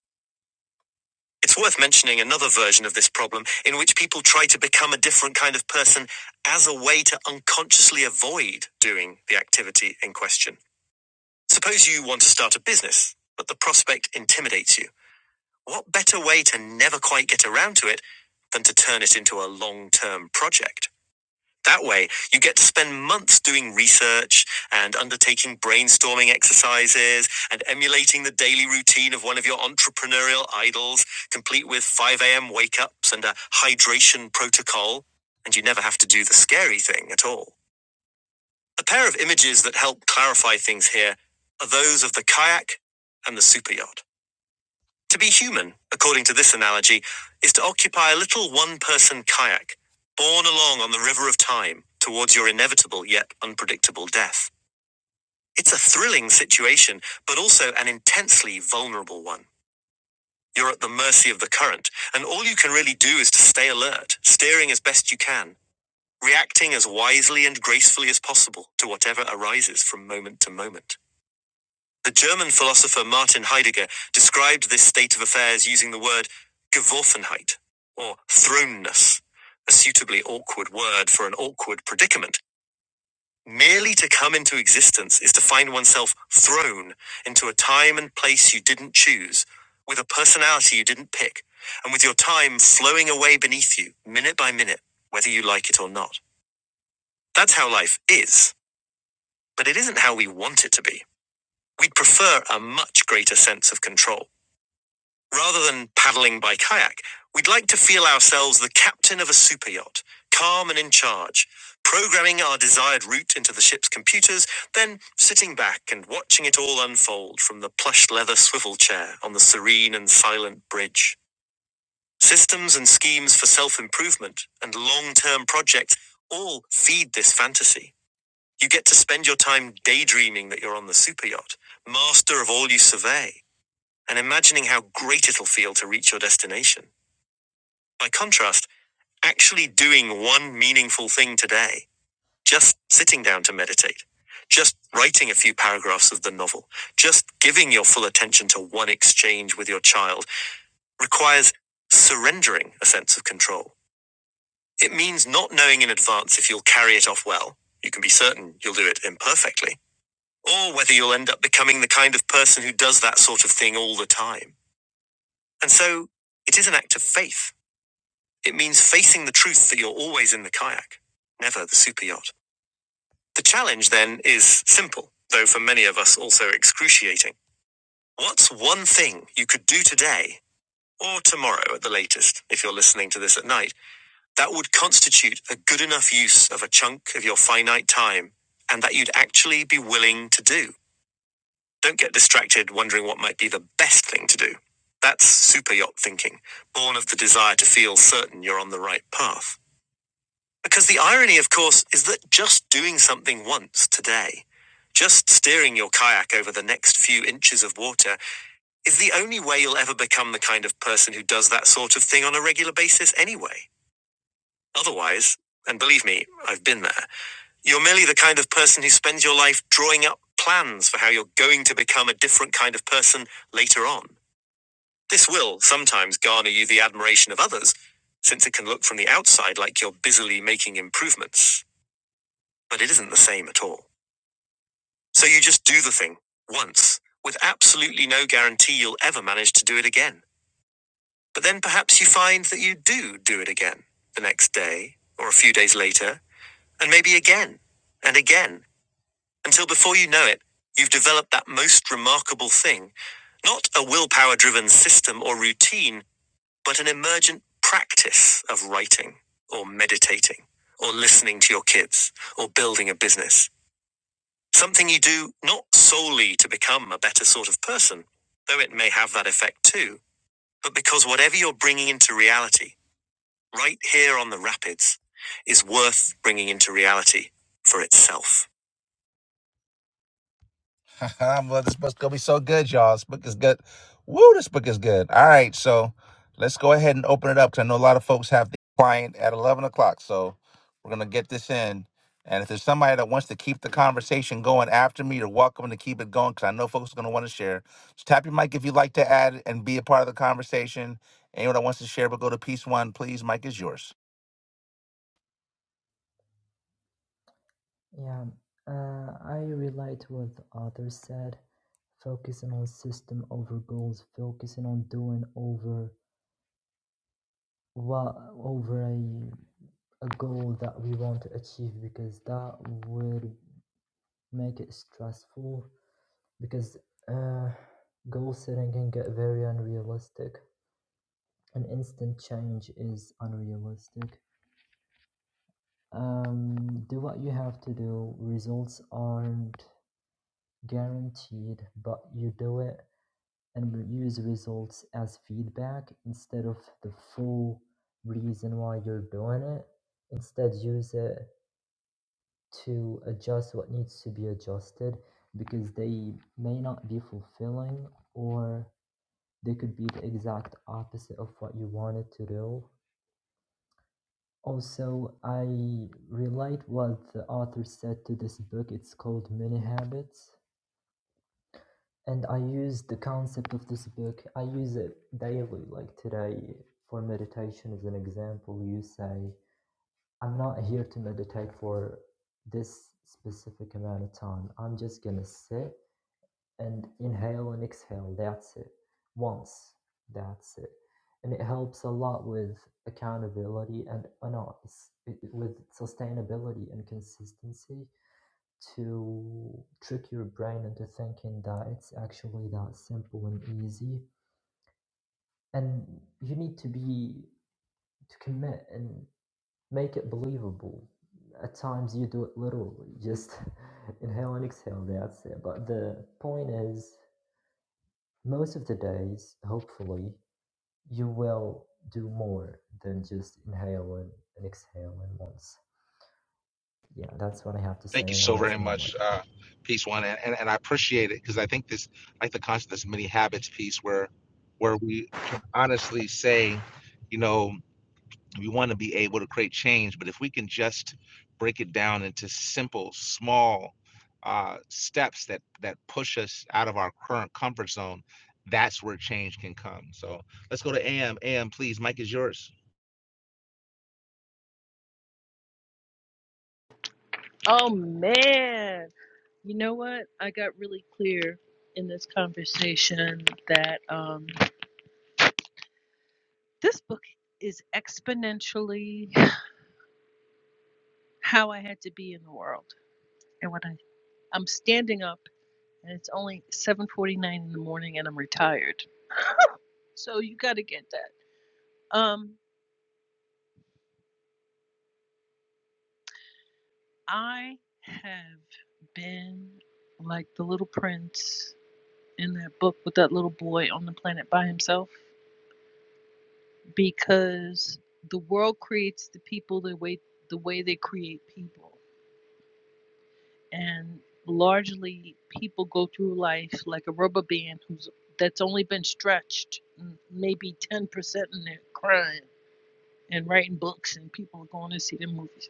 [SPEAKER 1] It's worth mentioning another version of this problem in which people try to become a different kind of person as a way to unconsciously avoid doing the activity in question. Suppose you want to start a business, but the prospect intimidates you. What better way to never quite get around to it than to turn it into a long term project? That way, you get to spend months doing research and undertaking brainstorming exercises and emulating the daily routine of one of your entrepreneurial idols, complete with 5 a.m. wake ups and a hydration protocol. And you never have to do the scary thing at all. A pair of images that help clarify things here are those of the kayak and the superyacht. To be human, according to this analogy, is to occupy a little one person kayak, borne along on the river of time towards your inevitable yet unpredictable death. It's a thrilling situation, but also an intensely vulnerable one. You're at the mercy of the current, and all you can really do is to stay alert, steering as best you can, reacting as wisely and gracefully as possible to whatever arises from moment to moment. The German philosopher Martin Heidegger described this state of affairs using the word Geworfenheit, or thrownness, a suitably awkward word for an awkward predicament. Merely to come into existence is to find oneself thrown into a time and place you didn't choose, with a personality you didn't pick, and with your time flowing away beneath you, minute by minute, whether you like it or not. That's how life is, but it isn't how we want it to be. We'd prefer a much greater sense of control. Rather than paddling by kayak, we'd like to feel ourselves the captain of a superyacht, calm and in charge, programming our desired route into the ship's computers, then sitting back and watching it all unfold from the plush leather swivel chair on the serene and silent bridge. Systems and schemes for self improvement and long term projects all feed this fantasy. You get to spend your time daydreaming that you're on the superyacht, master of all you survey and imagining how great it'll feel to reach your destination. By contrast, actually doing one meaningful thing today, just sitting down to meditate, just writing a few paragraphs of the novel, just giving your full attention to one exchange with your child requires surrendering a sense of control. It means not knowing in advance if you'll carry it off well. You can be certain you'll do it imperfectly, or whether you'll end up becoming the kind of person who does that sort of thing all the time. And so, it is an act of faith It means facing the truth that you're always in the kayak, never the super yacht. The challenge then is simple, though for many of us also excruciating. What's one thing you could do today, or tomorrow at the latest, if you're listening to this at night, that would constitute a good enough use of a chunk of your finite time and that you'd actually be willing to do? Don't get distracted wondering what might be the best thing to do. That's super yacht thinking, born of the desire to feel certain you're on the right path. Because the irony, of course, is that just doing something once today, just steering your kayak over the next few inches of water, is the only way you'll ever become the kind of person who does that sort of thing on a regular basis anyway. Otherwise, and believe me, I've been there, you're merely the kind of person who spends your life drawing up plans for how you're going to become a different kind of person later on. This will sometimes garner you the admiration of others, since it can look from the outside like you're busily making improvements. But it isn't the same at all. So you just do the thing once with absolutely no guarantee you'll ever manage to do it again. But then perhaps you find that you do do it again the next day or a few days later and maybe again and again until before you know it, you've developed that most remarkable thing, not a willpower driven system or routine, but an emergent practice of writing or meditating or listening to your kids or building a business Something you do not solely to become a better sort of person, though it may have that effect too, but because whatever you're bringing into reality, right here on the rapids, is worth bringing into reality for itself. well, this book's gonna be so good, y'all. This book is good. Woo, this book is good. All right, so let's go ahead and open it up because I know a lot of folks have the client at eleven o'clock. So we're gonna get this in. And if there's somebody that wants to keep the conversation going after me, you're welcome to keep it going because I know folks are gonna want to share. So tap your mic if you'd like to add and be a part of the conversation. Anyone that wants to share, but go to piece one, please. Mic is yours.
[SPEAKER 11] Yeah, uh, I relate to what the author said, focusing on system over goals, focusing on doing over what over a a goal that we want to achieve because that would make it stressful because uh, goal setting can get very unrealistic and instant change is unrealistic. Um, do what you have to do. Results aren't guaranteed, but you do it and use results as feedback instead of the full reason why you're doing it. Instead, use it to adjust what needs to be adjusted because they may not be fulfilling or they could be the exact opposite of what you wanted to do. Also, I relate what the author said to this book. It's called Mini Habits and I use the concept of this book. I use it daily, like today for meditation as an example. You say, I'm not here to meditate for this specific amount of time. I'm just gonna sit and inhale and exhale. That's it. Once. That's it. And it helps a lot with accountability and oh no, it's, it, with sustainability and consistency to trick your brain into thinking that it's actually that simple and easy. And you need to be to commit and make it believable. At times you do it literally, just inhale and exhale, that's it. But the point is, most of the days, hopefully, you will do more than just inhale and, and exhale And once. Yeah, that's what I have to say,
[SPEAKER 1] Thank you
[SPEAKER 11] and I
[SPEAKER 1] so
[SPEAKER 11] rest
[SPEAKER 1] very
[SPEAKER 11] my mic.
[SPEAKER 1] much, uh, piece one, and, and and I appreciate it because I think this, I like the concept, this mini habits piece, where where we can honestly say, you know, we want to be able to create change, but if we can just break it down into simple, small uh, steps that that push us out of our current comfort zone, that's where change can come. So let's go to AM. AM, please. Mike is yours.
[SPEAKER 6] Oh, man. You know what? I got really clear in this conversation that um, this book is exponentially how I had to be in the world. And when I, I'm standing up, and it's only 7:49 in the morning, and I'm retired. So you got to get that. Um, I have been like the little prince in that book with that little boy on the planet by himself. because the world creates the people the way the way they create people and largely people go through life like a rubber band who's that's only been stretched maybe 10% in their crime and writing books and people are going to see the movies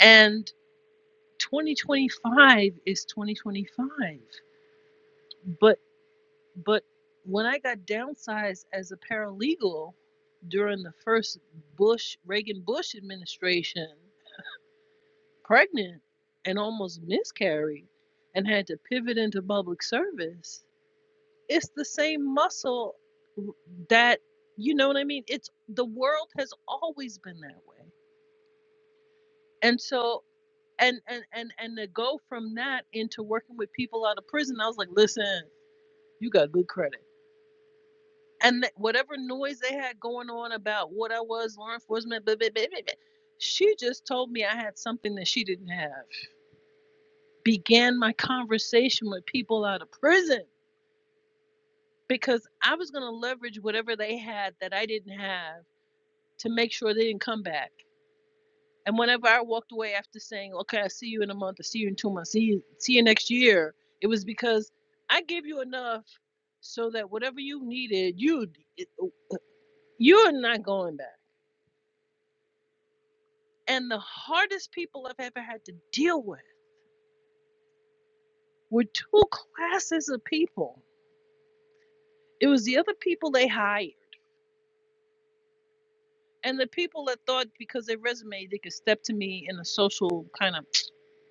[SPEAKER 6] and 2025 is 2025 but but when i got downsized as a paralegal during the first bush reagan bush administration pregnant and almost miscarried and had to pivot into public service it's the same muscle that you know what i mean it's the world has always been that way and so and and and and to go from that into working with people out of prison i was like listen you got good credit and th- whatever noise they had going on about what i was law enforcement blah, blah, blah, blah, blah, she just told me i had something that she didn't have began my conversation with people out of prison because I was going to leverage whatever they had that I didn't have to make sure they didn't come back. And whenever I walked away after saying, okay, I see you in a month, I see you in two months, see you, see you next year, it was because I gave you enough so that whatever you needed, you you're not going back. And the hardest people I've ever had to deal with were two classes of people. It was the other people they hired And the people that thought because they resume they could step to me in a social kind of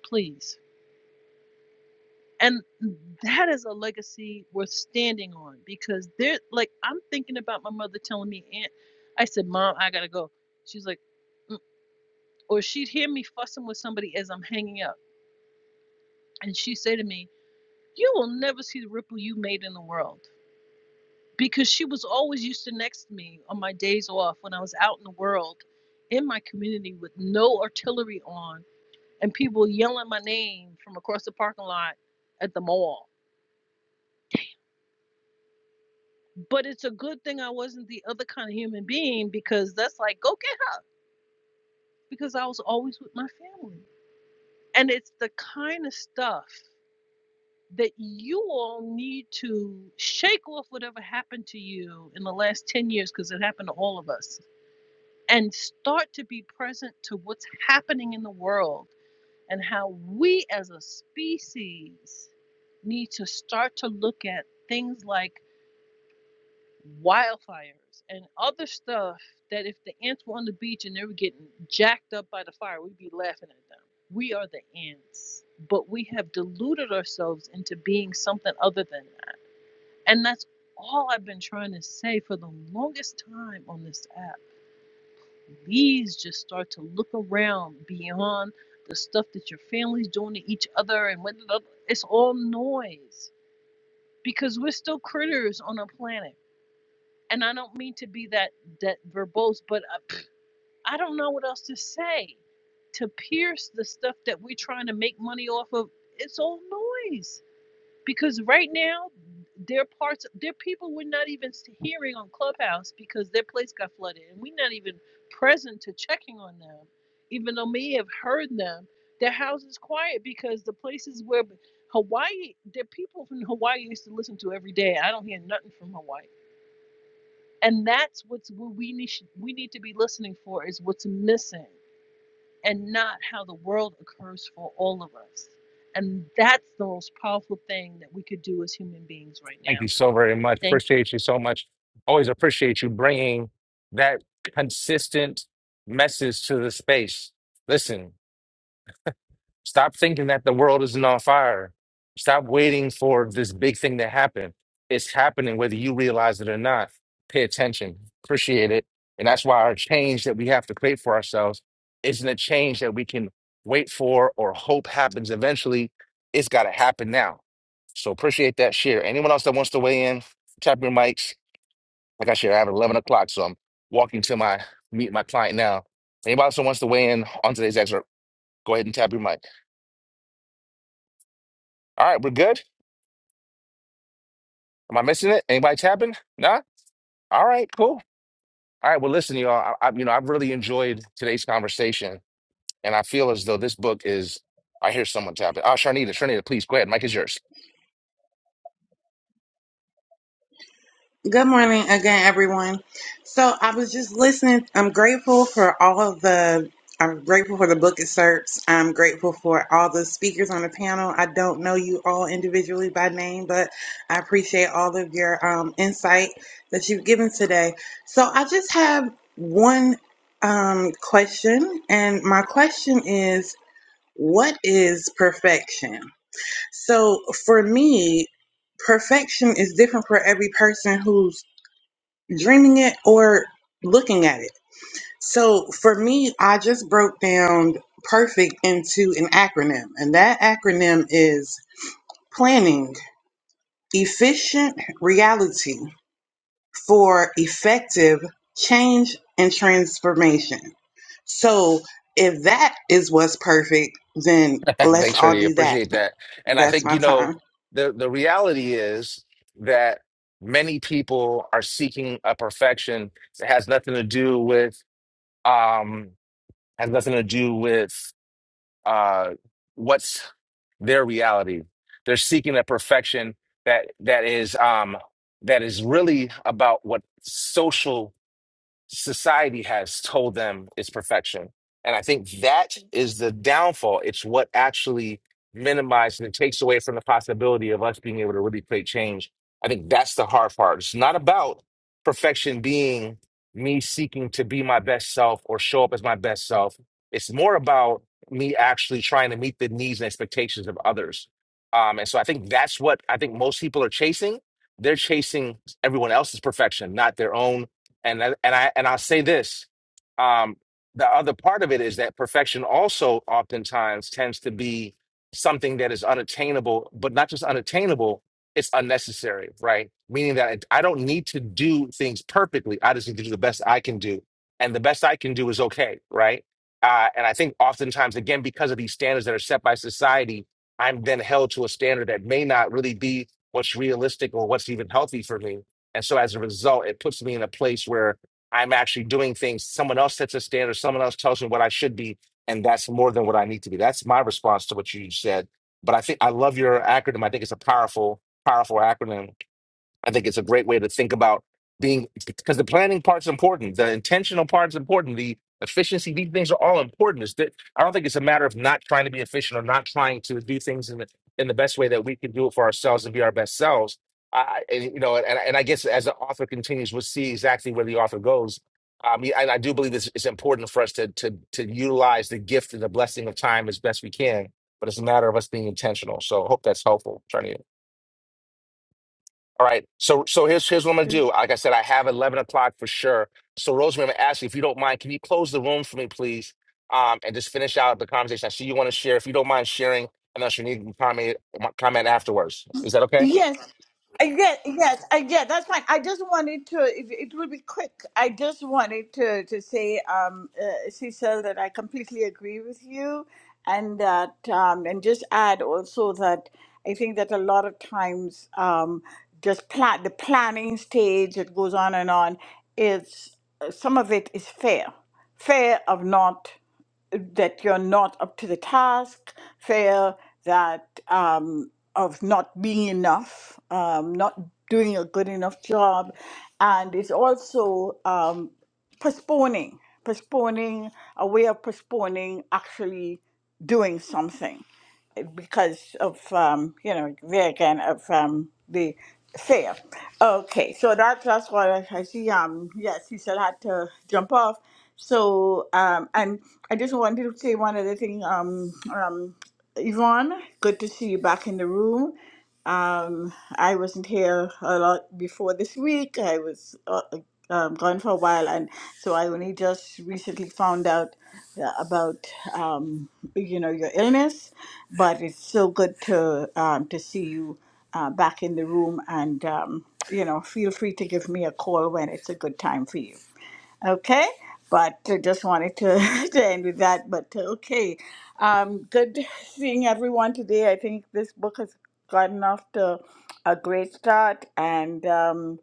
[SPEAKER 6] please. And that is a legacy worth standing on because they're like I'm thinking about my mother telling me, Aunt, I said, Mom, I gotta go. She's like, "Mm," or she'd hear me fussing with somebody as I'm hanging up, and she'd say to me, You will never see the ripple you made in the world. Because she was always used to next to me on my days off when I was out in the world in my community with no artillery on and people yelling my name from across the parking lot at the mall. But it's a good thing I wasn't the other kind of human being because that's like, go get her because I was always with my family. And it's the kind of stuff that you all need to shake off whatever happened to you in the last 10 years because it happened to all of us and start to be present to what's happening in the world and how we as a species need to start to look at things like wildfires and other stuff that if the ants were on the beach and they were getting jacked up by the fire, we'd be laughing at them. We are the ants, but we have deluded ourselves into being something other than that. And that's all I've been trying to say for the longest time on this app. Please just start to look around beyond the stuff that your family's doing to each other and what it's all noise because we're still critters on a planet and I don't mean to be that that verbose, but I, I don't know what else to say. To pierce the stuff that we're trying to make money off of, it's all noise. Because right now, there are parts, there are people we're not even hearing on Clubhouse because their place got flooded, and we're not even present to checking on them, even though may have heard them. Their house is quiet because the places where Hawaii, there people from Hawaii used to listen to every day. I don't hear nothing from Hawaii and that's what's what we need we need to be listening for is what's missing and not how the world occurs for all of us and that's the most powerful thing that we could do as human beings right
[SPEAKER 1] Thank
[SPEAKER 6] now
[SPEAKER 1] you so very much.
[SPEAKER 6] thank you
[SPEAKER 1] Appreciate you so much. Always appreciate you bringing that consistent message to the space. Listen, Stop thinking that the world isn't on fire. Stop waiting for this big thing to happen. It's happening whether you realize it or not. Pay attention, appreciate it. And that's why our change that we have to create for ourselves isn't a change that we can wait for or hope happens eventually. It's got to happen now. So appreciate that share. Anyone else that wants to weigh in, tap your mics. Like I said, I have 11 o'clock, so I'm walking to my meet my client now. Anybody else that wants to weigh in on today's excerpt, go ahead and tap your mic. All right, we're good. Am I missing it? Anybody tapping? Nah? All right, cool. All right, well, listen, y'all. I, I, you know, I've really enjoyed today's conversation, and I feel as though this book is. I hear someone tapping. Oh, Sharnita, Sharnita, please go ahead. Mike is yours.
[SPEAKER 10] Good morning again, everyone. So I was just listening. I'm grateful for all of the. I'm grateful for the book excerpts. I'm grateful for all the speakers on the panel. I don't know you all individually by name, but I appreciate all of your um, insight that you've given today. So I just have one um, question, and my question is what is perfection? So for me, perfection is different for every person who's dreaming it or looking at it. So for me, I just broke down perfect into an acronym, and that acronym is planning efficient reality for effective change and transformation. So if that is what's perfect, then let's
[SPEAKER 1] Thanks,
[SPEAKER 10] all
[SPEAKER 1] Sharnita.
[SPEAKER 10] do that.
[SPEAKER 1] Appreciate that. And I
[SPEAKER 10] That's
[SPEAKER 1] think
[SPEAKER 10] my
[SPEAKER 1] you know
[SPEAKER 10] time.
[SPEAKER 1] the the reality is that many people are seeking a perfection that has nothing to do with um has nothing to do with uh, what's their reality. They're seeking a perfection that that is um, that is really about what social society has told them is perfection. And I think that is the downfall. It's what actually minimizes and takes away from the possibility of us being able to really create change. I think that's the hard part. It's not about perfection being me seeking to be my best self or show up as my best self. It's more about me actually trying to meet the needs and expectations of others. Um, and so I think that's what I think most people are chasing. They're chasing everyone else's perfection, not their own and I- and I and I'll say this. Um, the other part of it is that perfection also oftentimes tends to be something that is unattainable, but not just unattainable, it's unnecessary, right? Meaning that it- I don't need to do things perfectly. I just need to do the best I can do. And the best I can do is okay, right? Uh, and I think oftentimes, again, because of these standards that are set by society, I'm then held to a standard that may not really be what's realistic or what's even healthy for me and so as a result, it puts me in a place where I'm actually doing things. Someone else sets a standard, someone else tells me what I should be, and that's more than what I need to be. That's my response to what you said. But I think I love your acronym. I think it's a powerful, powerful acronym I think it's a great way to think about being because the planning part's important, the intentional part's important, the efficiency, these things are all important. It's that I don't think it's a matter of not trying to be efficient or not trying to do things in the in the best way that we can do it for ourselves and be our best selves. I I- and you know, and, and I guess as the author continues, we'll see exactly where the author goes. Um, yeah, and I do believe it's, it's important for us to to to utilize the gift and the blessing of time as best we can, but it's a matter of us being intentional. So I hope that's helpful, Charnita. All right. So so here's here's what I'm gonna do. Like I said, I have eleven o'clock for sure. So Rosemary, I'm gonna ask you if you don't mind, can you close the room for me, please? Um, and just finish out the conversation. I see you want to share. If you don't mind sharing, and then you need to comment comment afterwards. Is that okay?
[SPEAKER 7] Yes, I get. Yes, I get. That's fine. I just wanted to. It, it will be quick. I just wanted to to say, um, uh, Cecil, that I completely agree with you, and that, um, and just add also that I think that a lot of times, um, just plan the planning stage that goes on and on. It's uh, some of it is fair, fair of not that you're not up to the task, fear that um, of not being enough, um, not doing a good enough job, and it's also um, postponing, postponing a way of postponing actually doing something because of um, you know there again of um, the fair. Okay, so that, that's what I, I see. Um, yes, he still had to jump off. So um, and I just wanted to say one other thing. Um, um, Yvonne, good to see you back in the room. Um, I wasn't here a lot before this week. I was uh, um, gone for a while, and so I only just recently found out uh, about um, you know your illness. But it's so good to um, to see you uh, back in the room, and um, you know, feel free to give me a call when it's a good time for you. Okay, but uh, just wanted to, to end with that. But uh, okay, um, good seeing everyone today. I think this book has gotten off to a great start, and um,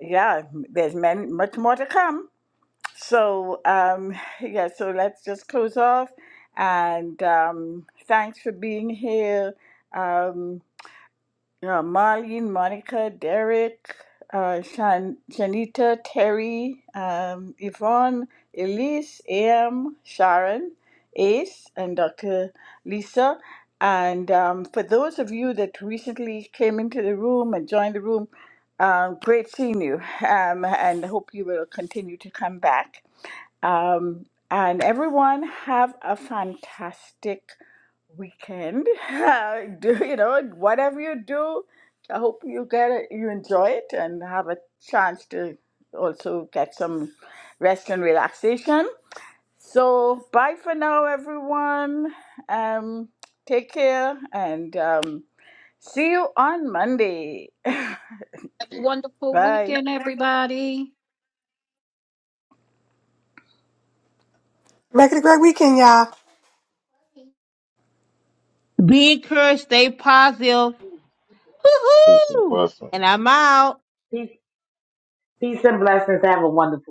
[SPEAKER 7] yeah, there's many, much more to come. So um, yeah, so let's just close off, and um, thanks for being here. Um, uh, Marlene, Monica, Derek, uh, Shan- Shanita, Terry, um, Yvonne, Elise, AM, Sharon, Ace, and Dr. Lisa. And um, for those of you that recently came into the room and joined the room, um, great seeing you. Um, and hope you will continue to come back. Um, and everyone, have a fantastic weekend. do you know whatever you do? I hope you get it, you enjoy it and have a chance to also get some rest and relaxation. So bye for now, everyone. Um, take care and um, see you on Monday.
[SPEAKER 5] Have a wonderful
[SPEAKER 7] Bye.
[SPEAKER 5] weekend, everybody.
[SPEAKER 9] Make it a great weekend, y'all.
[SPEAKER 3] Be encouraged, stay positive.
[SPEAKER 14] Peace and
[SPEAKER 3] Woohoo!
[SPEAKER 14] blessings.
[SPEAKER 3] And I'm out.
[SPEAKER 12] Peace and blessings. Have a wonderful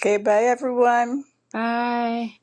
[SPEAKER 7] Okay, bye everyone.
[SPEAKER 4] Bye.